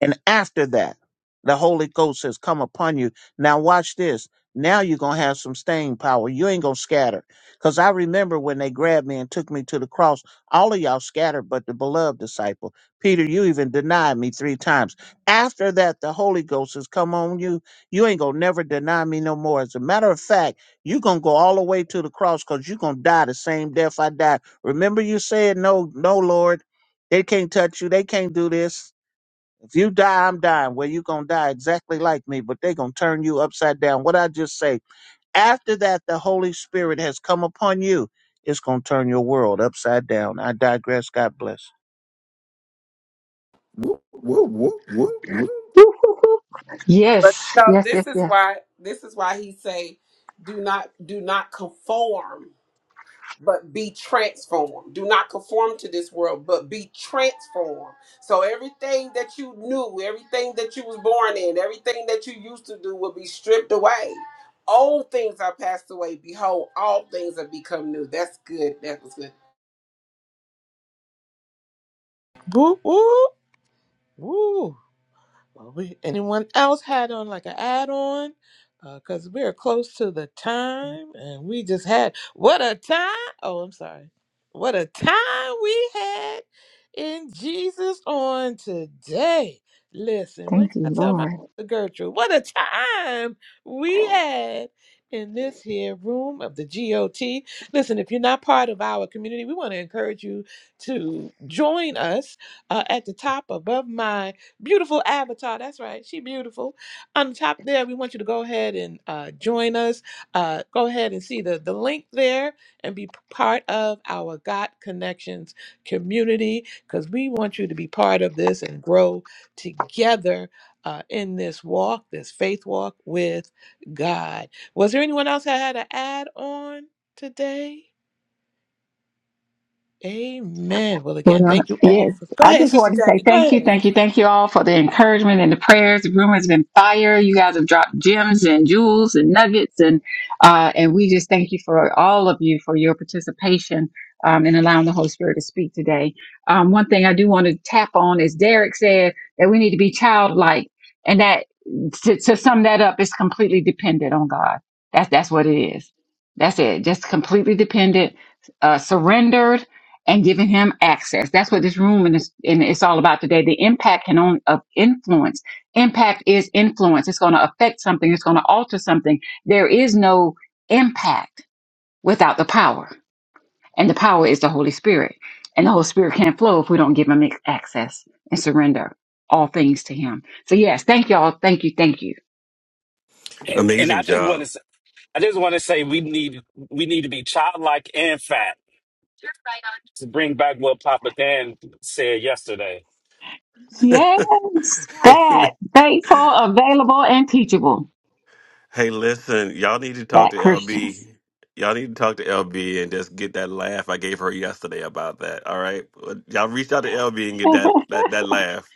Speaker 14: And after that, the Holy Ghost has come upon you. Now, watch this. Now you're going to have some staying power. You ain't going to scatter. Because I remember when they grabbed me and took me to the cross, all of y'all scattered but the beloved disciple. Peter, you even denied me three times. After that, the Holy Ghost has come on you. You ain't going to never deny me no more. As a matter of fact, you're going to go all the way to the cross because you're going to die the same death I died. Remember you said, no, no, Lord, they can't touch you. They can't do this if you die, I'm dying. Well, you're going to die exactly like me, but they're going to turn you upside down. What I just say, after that, the Holy Spirit has come upon you. It's going to turn your world upside down. I digress. God bless.
Speaker 4: Whoop, whoop, whoop, whoop, whoop.
Speaker 3: Woo, woo, woo.
Speaker 2: But
Speaker 3: yes
Speaker 2: you know,
Speaker 3: yes yes
Speaker 2: this is
Speaker 3: yes
Speaker 2: why this is why he say, do not do not conform, but be transformed. Do not conform to this world, but be transformed. So everything that you knew, everything that you was born in, everything that you used to do will be stripped away. Old things are passed away. Behold, all things have become new. That's good. That was good.
Speaker 1: Woo, woo, woo. Well, we, anyone else had on like an add on? Because we're close to the time and we just had what a time. Oh, I'm sorry. What a time we had in Jesus on today. Listen, what
Speaker 3: thank
Speaker 1: did
Speaker 3: you
Speaker 1: I tell my
Speaker 3: lord
Speaker 1: sister Gertrude? What a time we had in this here room of the GOT. Listen, if you're not part of our community, we want to encourage you to join us uh, at the top above my beautiful avatar that's right she beautiful on the top there we want you to go ahead and uh, join us uh, go ahead and see the, the link there and be p- part of our got connections community because we want you to be part of this and grow together uh, in this walk this faith walk with god was there anyone else that had to add on today amen well again
Speaker 3: Well,
Speaker 1: thank you all
Speaker 3: yes,
Speaker 1: for go
Speaker 3: I
Speaker 1: ahead
Speaker 3: just
Speaker 1: sister
Speaker 3: want to say
Speaker 1: jackie go
Speaker 3: thank you,
Speaker 1: ahead
Speaker 3: thank you, thank you all for the encouragement and the prayers. The room has been fire. You guys have dropped gems and jewels and nuggets, and uh, and we just thank you for all of you for your participation um, in allowing the Holy Spirit to speak today. Um, one thing I do want to tap on is Derek said that we need to be childlike, and that to, to sum that up is completely dependent on God. That's that's what it is. That's it. Just completely dependent, uh, surrendered and giving him access. That's what this room and it's, and it's all about today. The impact can only of influence. Impact is influence. It's going to affect something. It's going to alter something. There is no impact without the power, and the power is the Holy Spirit. And the Holy Spirit can't flow if we don't give him access and surrender all things to him. So yes, thank y'all. Thank you. Thank you.
Speaker 12: And
Speaker 8: Amazing
Speaker 12: I just want
Speaker 8: job.
Speaker 12: to, say, I just want to say we need, we need to be childlike and fat to bring back what Papa Dan said yesterday.
Speaker 3: Yes,
Speaker 8: Amen.
Speaker 3: that faithful, available, and teachable.
Speaker 8: Hey, listen, y'all need to talk
Speaker 3: That
Speaker 8: to LB.
Speaker 3: Christians.
Speaker 8: Y'all need to talk to LB and just get that laugh I gave her yesterday about that. All right, y'all reach out to LB and get that that, that laugh.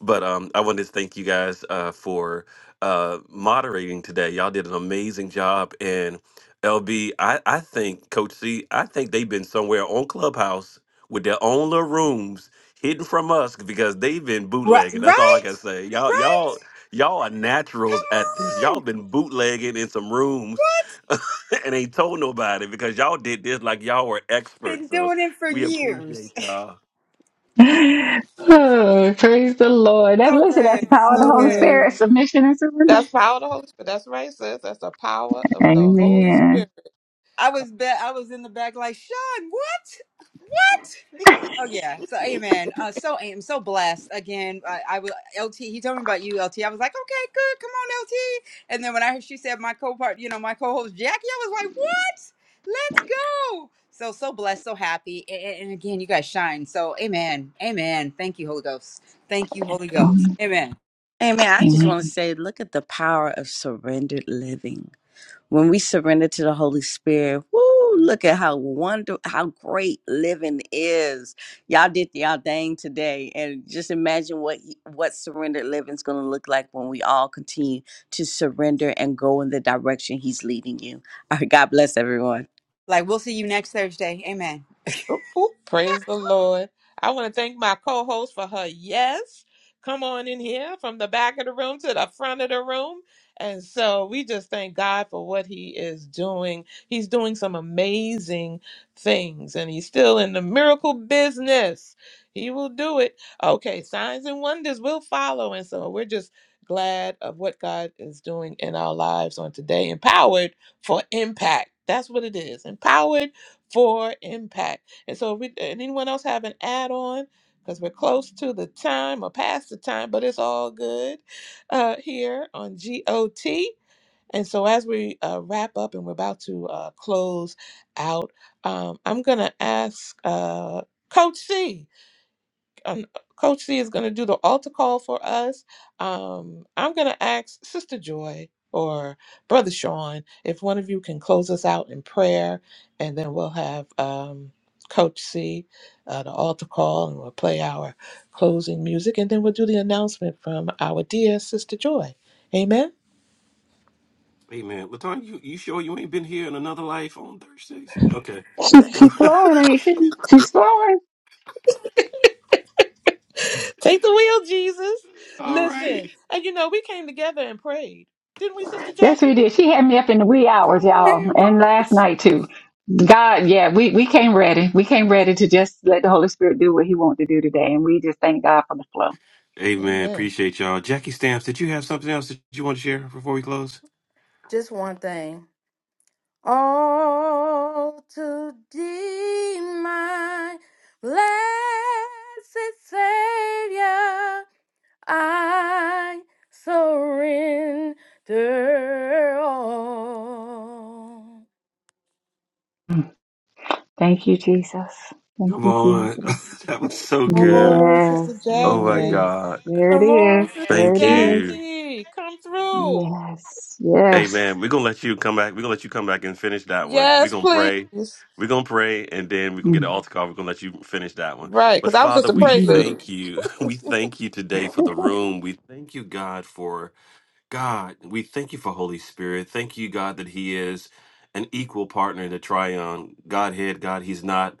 Speaker 8: But um, I wanted to thank you guys uh, for uh, moderating today. Y'all did an amazing job. And LB, I, I think Coach C, I think they've been somewhere on Clubhouse with their own little rooms hidden from us because they've been
Speaker 5: Right,
Speaker 8: bootlegging. That's all I
Speaker 5: right,
Speaker 8: can say. Y'all,
Speaker 5: right.
Speaker 8: y'all, Y'all are naturals at this.
Speaker 5: Come
Speaker 8: Y'all
Speaker 5: on.
Speaker 8: been bootlegging in some rooms and ain't told nobody because y'all did this like y'all were
Speaker 5: Been
Speaker 8: experts. So
Speaker 5: doing it for
Speaker 8: we appreciate
Speaker 5: years.
Speaker 8: y'all.
Speaker 3: Oh, praise the Lord. That
Speaker 5: So
Speaker 3: listen, that's the
Speaker 5: good.
Speaker 3: power of the
Speaker 5: So
Speaker 3: Holy
Speaker 5: good.
Speaker 3: Spirit, submission and surrender.
Speaker 1: That's power of the Holy Spirit. That's right, sis. That's the power of the Holy Spirit.
Speaker 3: Amen.
Speaker 5: I was be- I was in the back like Sean. What? Oh yeah. So amen. Uh, so am so blessed. Again, I, I was LT. He told me about you, LT. I was like, okay, good. Come on, LT. And then when I heard she said my co-part, you know, my co-host Jackie, I was like, what? Let's go. So so blessed, so happy. And, and again, you guys shine. So amen, amen. Thank you, Holy Ghost. Thank you, Holy Ghost. Amen.
Speaker 9: Amen. I just want to
Speaker 3: Amen.
Speaker 9: say, look at the power of surrendered living When we surrender to the Holy Spirit, woo, look at how wonder how great living is. Y'all did y'all thing today. And just imagine what he- what surrendered living is gonna look like when we all continue to surrender and go in the direction he's leading you. All right, God bless everyone.
Speaker 5: Like we'll see you next Thursday. Amen.
Speaker 1: Ooh, ooh, praise the Lord. I want to thank my co host for her yes. Come on in here from the back of the room to the front of the room. And so we just thank God for what he is doing. He's doing some amazing things and he's still in the miracle business. He will do it. Okay, signs and wonders will follow. And so we're just glad of what God is doing in our lives on today. Empowered for impact. That's what it is. Empowered for impact. And so, if we, and anyone else have an add on, because we're close to the time or past the time, but it's all good uh, here on GOT. And so, as we uh, wrap up and we're about to uh, close out, um, I'm going to ask uh, Coach C um, Coach C is going to do the altar call for us. Um, I'm going to ask Sister Joy or Brother Sean if one of you can close us out in prayer, and then we'll have um, Coach C uh, the altar call, and we'll play our closing music, and then we'll do the announcement from our dear Sister Joy. Amen.
Speaker 8: Hey man, Latan, you, you sure you ain't been here in another life on Thursdays? Okay.
Speaker 3: She she
Speaker 8: No.
Speaker 3: flowing, ain't she? She's flowing.
Speaker 1: Take the wheel, Jesus.
Speaker 8: All right.
Speaker 1: Listen, and you know we came together and prayed, didn't we, Sister
Speaker 3: Yes, we
Speaker 1: Jackie?
Speaker 3: did. She had me up in the wee hours, y'all, and last night too. God, yeah, we, we came ready. We came ready to just let the Holy Spirit do what He wants to do today, and we just thank God for the flow.
Speaker 8: Hey man,
Speaker 1: Amen.
Speaker 8: appreciate y'all. Jackie Stones.
Speaker 11: Just one thing. All to thee, my blessed Savior, I surrender all.
Speaker 3: Mm. Thank you, Jesus. Thank
Speaker 8: Come
Speaker 3: you,
Speaker 8: on.
Speaker 3: Jesus.
Speaker 8: that was so
Speaker 1: Come
Speaker 8: good.
Speaker 1: on, Sister
Speaker 3: Yes,
Speaker 8: Oh my
Speaker 1: Jackie.
Speaker 3: yes.
Speaker 8: God.
Speaker 3: There it
Speaker 1: Come
Speaker 3: is.
Speaker 1: on, Sister
Speaker 3: There
Speaker 8: Thank
Speaker 3: it is.
Speaker 8: you.
Speaker 1: Jackie. Come through.
Speaker 3: Yes, yes.
Speaker 8: Amen. We're gonna let you come back. We're gonna let you come back and finish that one. We're
Speaker 1: Yes,
Speaker 8: gonna pray.
Speaker 1: please.
Speaker 8: We're gonna pray and then we're gonna get an
Speaker 3: Mm,
Speaker 8: altar call. We're gonna let you finish that one.
Speaker 1: Right,
Speaker 8: But
Speaker 1: because I was just
Speaker 8: Father,
Speaker 1: a
Speaker 8: we
Speaker 3: mhm.
Speaker 1: prelude.
Speaker 8: thank you. We thank you today for the room. We thank you, God, for God, we thank you for Holy Spirit. Thank you, God, that He is an equal partner in the triune Godhead. God, He's not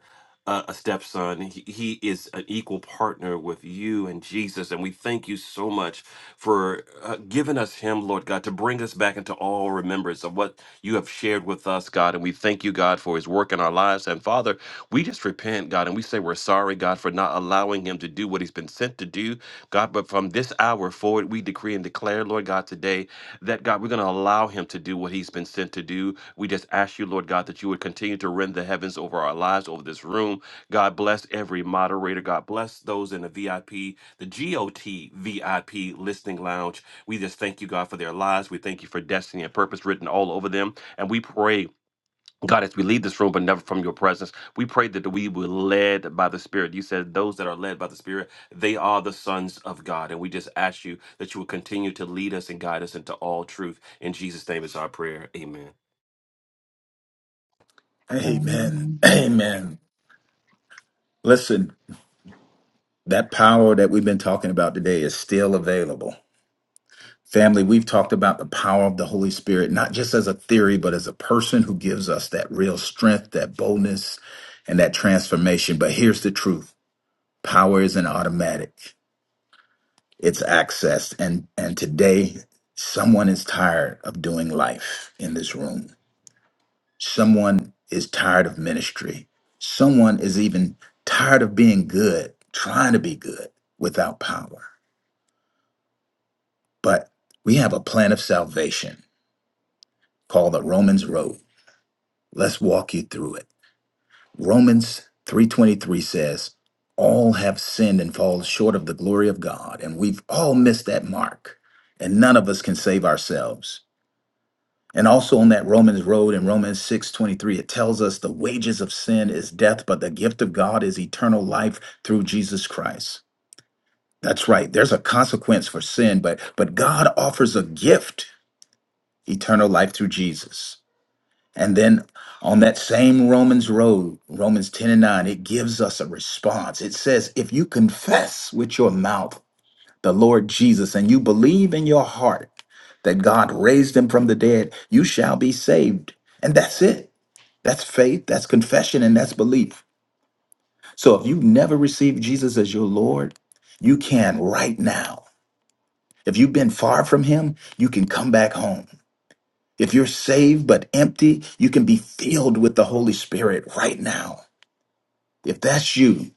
Speaker 8: a, a stepson. He, he is an equal partner with you and Jesus. And we thank you so much for uh, giving us Him, Lord God, to bring us back into all remembrance of what you have shared with us, God. And we thank you, God, for His work in our lives. And Father, we just repent, God, and we say we're sorry, God, for not allowing Him to do what He's been sent to do. God, but from this hour forward, we declare decree and declare, Lord God, today that God, we're going to allow him to do what he's been sent to do. We just ask you, Lord God, that you would continue to rend the heavens over our lives, over this room. God bless every moderator. God bless those in the VIP, the GOT VIP listening lounge. We just thank you, God, for their lives. We thank you for destiny and purpose written all over them. And we pray, God, as we leave this room, but never from your presence, we pray that we were led by the Spirit. You said those that are led by the Spirit, they are the sons of God. And we just ask you that you will continue to lead us and guide us into all truth. In Jesus' name is our prayer. Amen.
Speaker 4: Amen.
Speaker 3: Amen.
Speaker 4: Amen. Listen, that power that we've been talking about today is still available. Family, we've talked about the power of the Holy Spirit, not just as a theory, but as a person who gives us that real strength, that boldness, and that transformation. But here's the truth power isn't automatic. it's accessed and and today someone is tired of doing life in this room someone is tired of ministry someone is even tired of being good trying to be good without power but we have a plan of salvation called the romans road let's walk you through it romans 3.23 says all have sinned and fall short of the glory of god and we've all missed that mark and none of us can save ourselves And also on that Romans road in Romans 6 23 it tells us the wages of sin is death, but the gift of God is eternal life through Jesus Christ. That's right. There's a consequence for sin, but but God offers a gift, eternal life through Jesus. And then on that same Romans road, Romans 10 and 9, it gives us a response. It says, if you confess with your mouth the Lord Jesus and you believe in your heart that God raised him from the dead, you shall be saved. And that's it. That's faith, that's confession, and that's belief. So if you've never received Jesus as your Lord, you can right now. If you've been far from him, you can come back home. If you're saved but empty, you can be filled with the Holy Spirit right now. If that's you,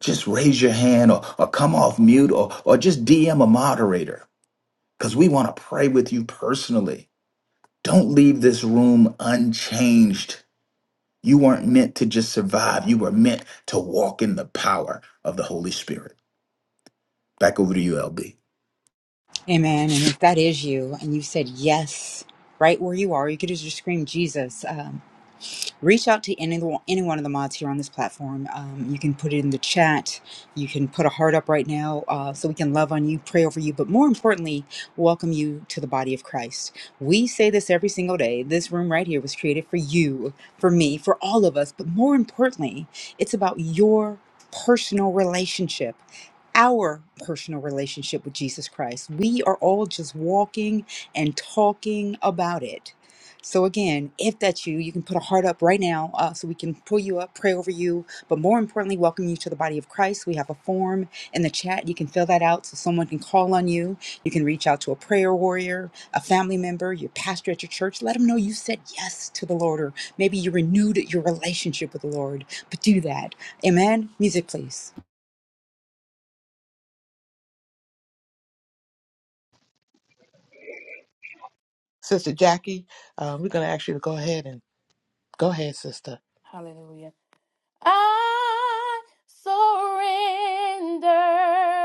Speaker 4: just raise your hand or, or come off mute or, or just DM a moderator because we want to pray with you personally. Don't leave this room unchanged. You weren't meant to just survive, you were meant to walk in the power of the Holy Spirit. Back over to you, LB.
Speaker 5: Amen. And if that is you, and you said yes, right where you are, you could just scream Jesus. Um, reach out to any any one of the mods here on this platform. Um, you can put it in the chat. You can put a heart up right now, uh, so we can love on you, pray over you, but more importantly, welcome you to the body of Christ. We say this every single day. This room right here was created for you, for me, for all of us. But more importantly, it's about your personal relationship our personal relationship with Jesus Christ. We are all just walking and talking about it. So, again, if that's you, you can put a heart up right now uh, so we can pull you up, pray over you, but more importantly, welcome you to the body of Christ. We have a form in the chat. You can fill that out so someone can call on you. You can reach out to a prayer warrior, a family member, your pastor at your church. Let them know you said yes to the Lord, or maybe you renewed your relationship with the Lord. But do that. Amen. Music, please.
Speaker 1: Sister Jackie, uh, we're going to ask you to go ahead and go ahead, Sister.
Speaker 11: Hallelujah. I surrender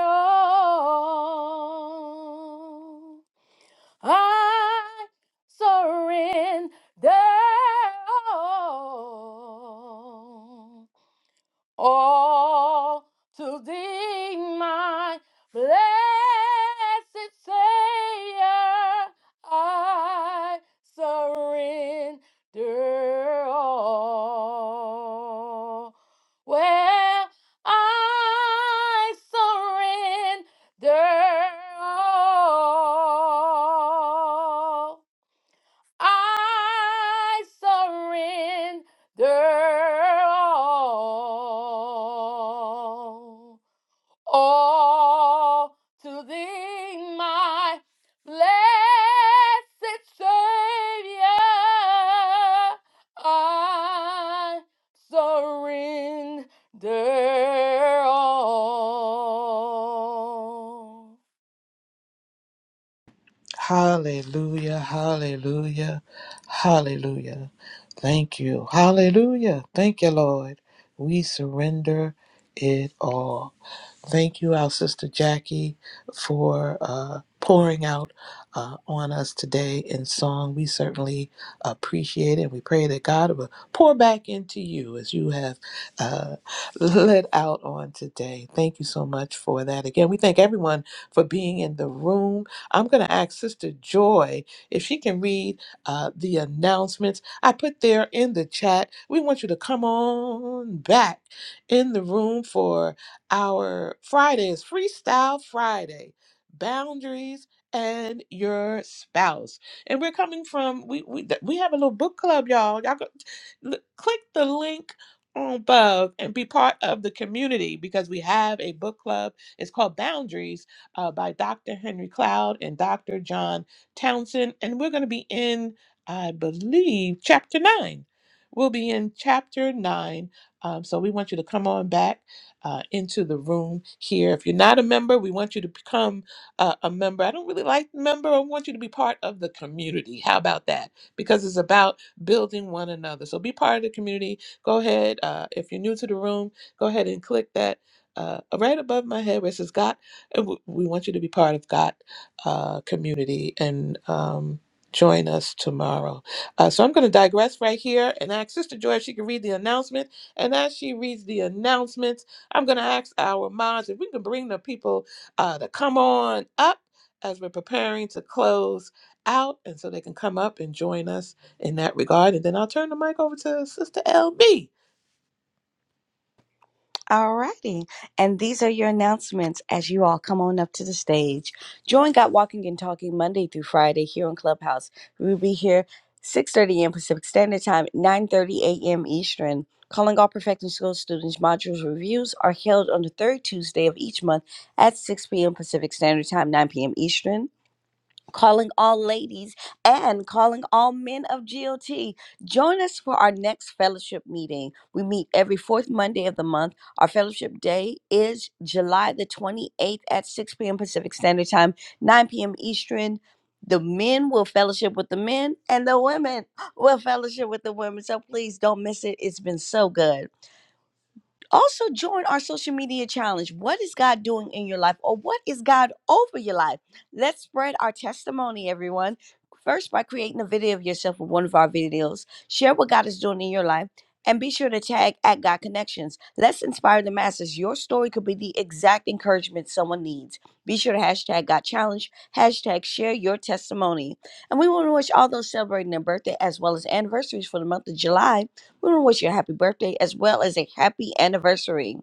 Speaker 11: all. I surrender all all to thee, my blessed Savior, I surrender all. Well, I surrender all. I surrender all, all to thee, my blessed Savior. I surrender all.
Speaker 1: Hallelujah, hallelujah, hallelujah. Thank you. Hallelujah. Thank you, Lord. We surrender it all. Thank you, our sister Jackie, for uh, pouring out uh, on us today in song. We certainly appreciate it. We pray that God will pour back into you as you have uh, let out on today. Thank you so much for that. Again, we thank everyone for being in the room. I'm going to ask Sister Joy if she can read uh, the announcements I put there in the chat. We want you to come on back in the room for. Our Friday is Freestyle Friday Boundaries and Your Spouse. And we're coming from, we, we, th- we have a little book club, y'all. Y'all go, l- click the link on above and be part of the community because we have a book club. It's called Boundaries uh, by Dr. Henry Cloud and Dr. John Townsend. And we're going to be in, I believe, chapter nine. We'll be in chapter nine. Um, so we want you to come on back uh, into the room here. If you're not a member, we want you to become uh, a member. I don't really like member. I want you to be part of the community. How about that? Because it's about building one another. So be part of the community. Go ahead. Uh, if you're new to the room, go ahead and click that uh, right above my head where it says God. And w- we want you to be part of God uh, community and um, join us tomorrow. Uh, so I'm going to digress right here and ask Sister Joy if she can read the announcement. And as she reads the announcement, I'm going to ask our mods if we can bring the people uh, to come on up as we're preparing to close out, and so they can come up and join us in that regard. And then I'll turn the mic over to Sister LB.
Speaker 9: All righty. And these are your announcements as you all come on up to the stage. Join Got Walking and Talking Monday through Friday here on Clubhouse. We'll be here 6.30 a.m. Pacific Standard Time, 9.30 a.m. Eastern. Calling all Perfecting School students modules reviews are held on the third Tuesday of each month at 6 p.m. Pacific Standard Time, 9 p.m. Eastern calling all ladies and calling all men of GOT. Join us for our next fellowship meeting. We meet every fourth Monday of the month. Our fellowship day is July the 28th at 6 p.m. Pacific Standard Time, 9 p.m. Eastern. The men will fellowship with the men, and the women will fellowship with the women. So please don't miss it. It's been so good also join our social media challenge. What is God doing in your life or what is God over your life? Let's spread our testimony, everyone. First, by creating a video of yourself with one of our videos, share what God is doing in your life. And be sure to tag at God Connections. Let's inspire the masses. Your story could be the exact encouragement someone needs. Be sure to hashtag God Challenge, hashtag share your testimony. And we want to wish all those celebrating their birthday as well as anniversaries for the month of July. We want to wish you a happy birthday as well as a happy anniversary.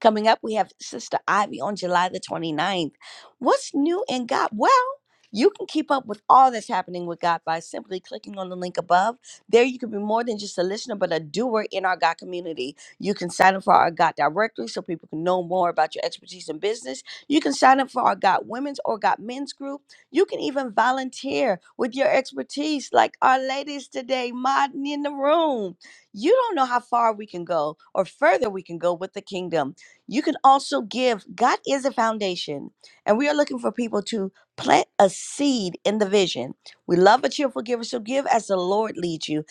Speaker 9: Coming up, we have Sister Ivy on July the twenty ninth. What's new in God? Well, you can keep up with all that's happening with God by simply clicking on the link above. There, you can be more than just a listener, but a doer in our God community. You can sign up for our God directory so people can know more about your expertise in business. You can sign up for our God women's or God men's group. You can even volunteer with your expertise, like our ladies today, modding in the room. You don't know how far we can go or further we can go with the kingdom. You can also give. God is a foundation, and we are looking for people to plant a seed in the vision. We love a cheerful giver, so give as the Lord leads you.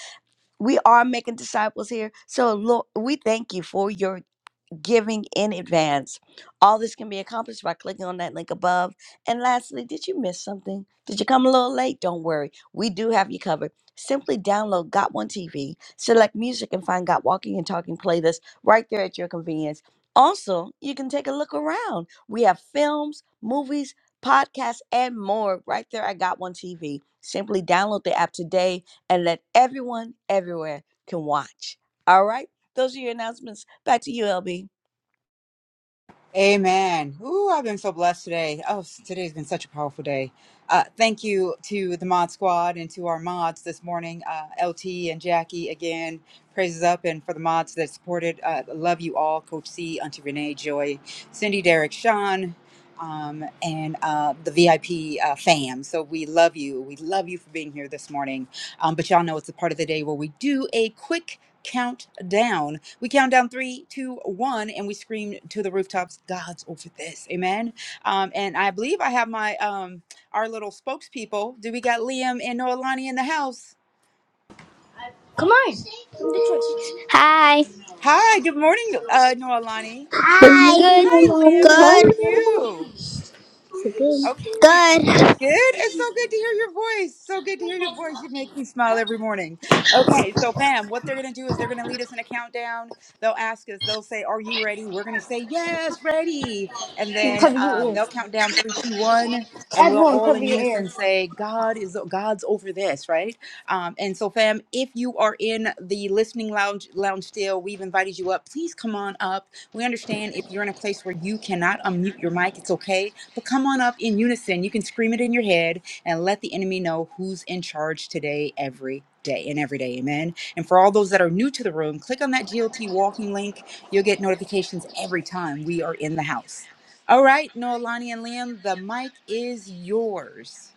Speaker 9: We are making disciples here, so Lord, we thank you for your giving in advance. All this can be accomplished by clicking on that link above. And lastly, did you miss something? Did you come a little late? Don't worry, we do have you covered. Simply download Got One TV, select music, and find Got Walking and Talking playlist right there at your convenience. Also, you can take a look around. We have films, movies, podcasts, and more right there at Got One TV. Simply download the app today and let everyone everywhere can watch. All right, those are your announcements. Back to you, LB.
Speaker 5: Amen. Ooh, I've been so blessed today. Oh, s- today's been such a powerful day. Uh, thank you to the mod squad and to our mods this morning, uh, LT and Jackie again. Praises up and for the mods that supported. Uh, love you all, Coach C, Auntie Renee, Joy, Cindy, Derek, Sean, um, and uh, the VIP uh, fam. So we love you. We love you for being here this morning. Um, but y'all know it's the part of the day where we do a quick countdown we count down three, two, one, and we scream to the rooftops, God's over this. Amen. Um, and I believe I have my um our little spokespeople. Do we got Liam and Noelani in the house?
Speaker 15: Come on. Hi.
Speaker 5: Hi, good morning, uh Noelani.
Speaker 3: Good
Speaker 15: Hi.
Speaker 3: morning,
Speaker 15: Good.
Speaker 5: Hi,
Speaker 3: Alani.
Speaker 5: Liam. How are
Speaker 15: Good.
Speaker 3: Hello.
Speaker 5: you? Okay.
Speaker 15: Good.
Speaker 5: Good. It's so good to hear your voice. So good to hear your voice. You make me smile every morning. Okay, so fam, what they're gonna do is they're gonna lead us in a countdown. They'll ask us. They'll say, "Are you ready?" We're gonna say, "Yes, ready." And then
Speaker 15: Cover
Speaker 5: uh,
Speaker 15: your
Speaker 5: they'll
Speaker 15: ears.
Speaker 5: count down three, two, one, and we'll
Speaker 15: Everyone,
Speaker 5: all
Speaker 15: cover
Speaker 5: in
Speaker 15: your ears.
Speaker 5: unison say, "God is God's over this," right? Um, and so, fam, if you are in the listening lounge, lounge still, we've invited you up. Please come on up we understand if you're in a place where you cannot unmute your mic, it's okay. But come on up in unison. You can scream it in your head and let the enemy know who's in charge today, every day, and every day. Amen. And for all those that are new to the room, click on that GLT walking link. You'll get notifications every time we are in the house. All right, Noelani and Liam, the mic is yours.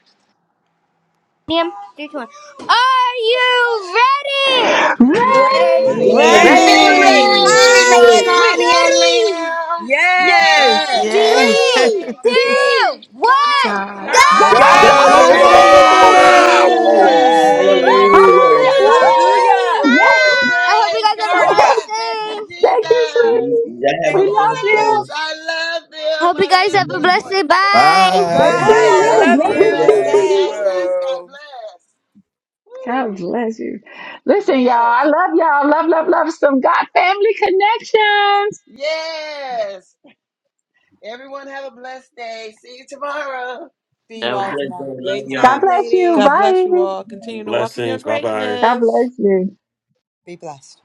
Speaker 15: Liam, three, two, one. Are you ready?
Speaker 3: Ready?
Speaker 16: Praise
Speaker 6: We're
Speaker 9: Ready.
Speaker 17: Ready!
Speaker 5: Ready?
Speaker 18: Ready?
Speaker 1: Ready?
Speaker 6: ready,
Speaker 15: Are
Speaker 6: Lord
Speaker 15: you Wait.
Speaker 6: Lonnie and
Speaker 15: ready?
Speaker 6: Lamb. Yes,
Speaker 5: Yes.
Speaker 15: Three,
Speaker 6: we're
Speaker 18: Yeah.
Speaker 15: Three,
Speaker 6: ready.
Speaker 15: two, two, one. one,
Speaker 16: God
Speaker 15: go!
Speaker 9: God's
Speaker 3: God's
Speaker 16: over
Speaker 5: God's
Speaker 17: God
Speaker 9: over
Speaker 19: God's
Speaker 1: God's
Speaker 5: over
Speaker 3: over
Speaker 16: this.
Speaker 17: is
Speaker 6: God
Speaker 18: God
Speaker 6: is
Speaker 18: is
Speaker 1: over
Speaker 17: over
Speaker 3: this.
Speaker 18: over
Speaker 6: over
Speaker 9: this.
Speaker 19: over
Speaker 15: Yes!
Speaker 5: this.
Speaker 17: this.
Speaker 18: this.
Speaker 6: this.
Speaker 15: Woo!
Speaker 1: this.
Speaker 17: Hallelujah.
Speaker 19: this.
Speaker 17: you.
Speaker 3: Hallelujah.
Speaker 6: Hallelujah.
Speaker 15: I
Speaker 9: Woo,
Speaker 5: Hallelujah.
Speaker 9: woo,
Speaker 1: Woo!
Speaker 3: Yes.
Speaker 6: Woo,
Speaker 9: woo.
Speaker 15: Bye. I hope you
Speaker 6: praise
Speaker 15: guys have a
Speaker 5: Glory to
Speaker 6: God.
Speaker 15: blessed
Speaker 5: God.
Speaker 6: Thank you,
Speaker 15: day.
Speaker 3: Thank you,
Speaker 6: Jesus.
Speaker 3: sweeties.
Speaker 17: Y'all have
Speaker 3: We
Speaker 5: Thank
Speaker 17: a
Speaker 5: you
Speaker 3: love
Speaker 17: blessed
Speaker 3: you.
Speaker 6: Yes,
Speaker 5: so
Speaker 17: day.
Speaker 6: I love
Speaker 15: I
Speaker 6: them.
Speaker 15: hope you
Speaker 6: I
Speaker 15: guys
Speaker 6: love
Speaker 15: have a
Speaker 6: their
Speaker 15: blessed day.
Speaker 6: voices.
Speaker 15: Bye.
Speaker 5: much.
Speaker 3: Thank
Speaker 4: Bye.
Speaker 5: Bye.
Speaker 3: you.
Speaker 5: We
Speaker 3: You have
Speaker 19: Have
Speaker 3: a
Speaker 6: Yes,
Speaker 19: a
Speaker 9: Hey,
Speaker 5: love
Speaker 9: Have
Speaker 6: you
Speaker 3: blessed
Speaker 4: Woo,
Speaker 9: a
Speaker 17: Love
Speaker 3: one
Speaker 19: great
Speaker 3: too,
Speaker 9: blessed
Speaker 4: woo,
Speaker 5: you.
Speaker 19: day
Speaker 6: too.
Speaker 17: y'all.
Speaker 19: as
Speaker 6: God
Speaker 3: sweeties.
Speaker 9: day.
Speaker 6: bless.
Speaker 4: woo.
Speaker 6: God
Speaker 19: well.
Speaker 6: bless.
Speaker 3: God
Speaker 6: Woo.
Speaker 3: bless you. Listen, y'all. I love y'all. Love, love, love some God family connections.
Speaker 6: Yes. Everyone.
Speaker 5: See you
Speaker 17: Have a
Speaker 5: all
Speaker 17: blessed day.
Speaker 5: tomorrow.
Speaker 17: Love
Speaker 9: Great
Speaker 5: Tomorrow.
Speaker 3: God
Speaker 9: job,
Speaker 17: y'all.
Speaker 3: bless you.
Speaker 9: ladies.
Speaker 1: God bless
Speaker 3: Bye.
Speaker 1: you all. Continue to walk in your
Speaker 8: Blessings. Bye bye.
Speaker 3: God
Speaker 1: greatness.
Speaker 3: bless you.
Speaker 5: Be blessed.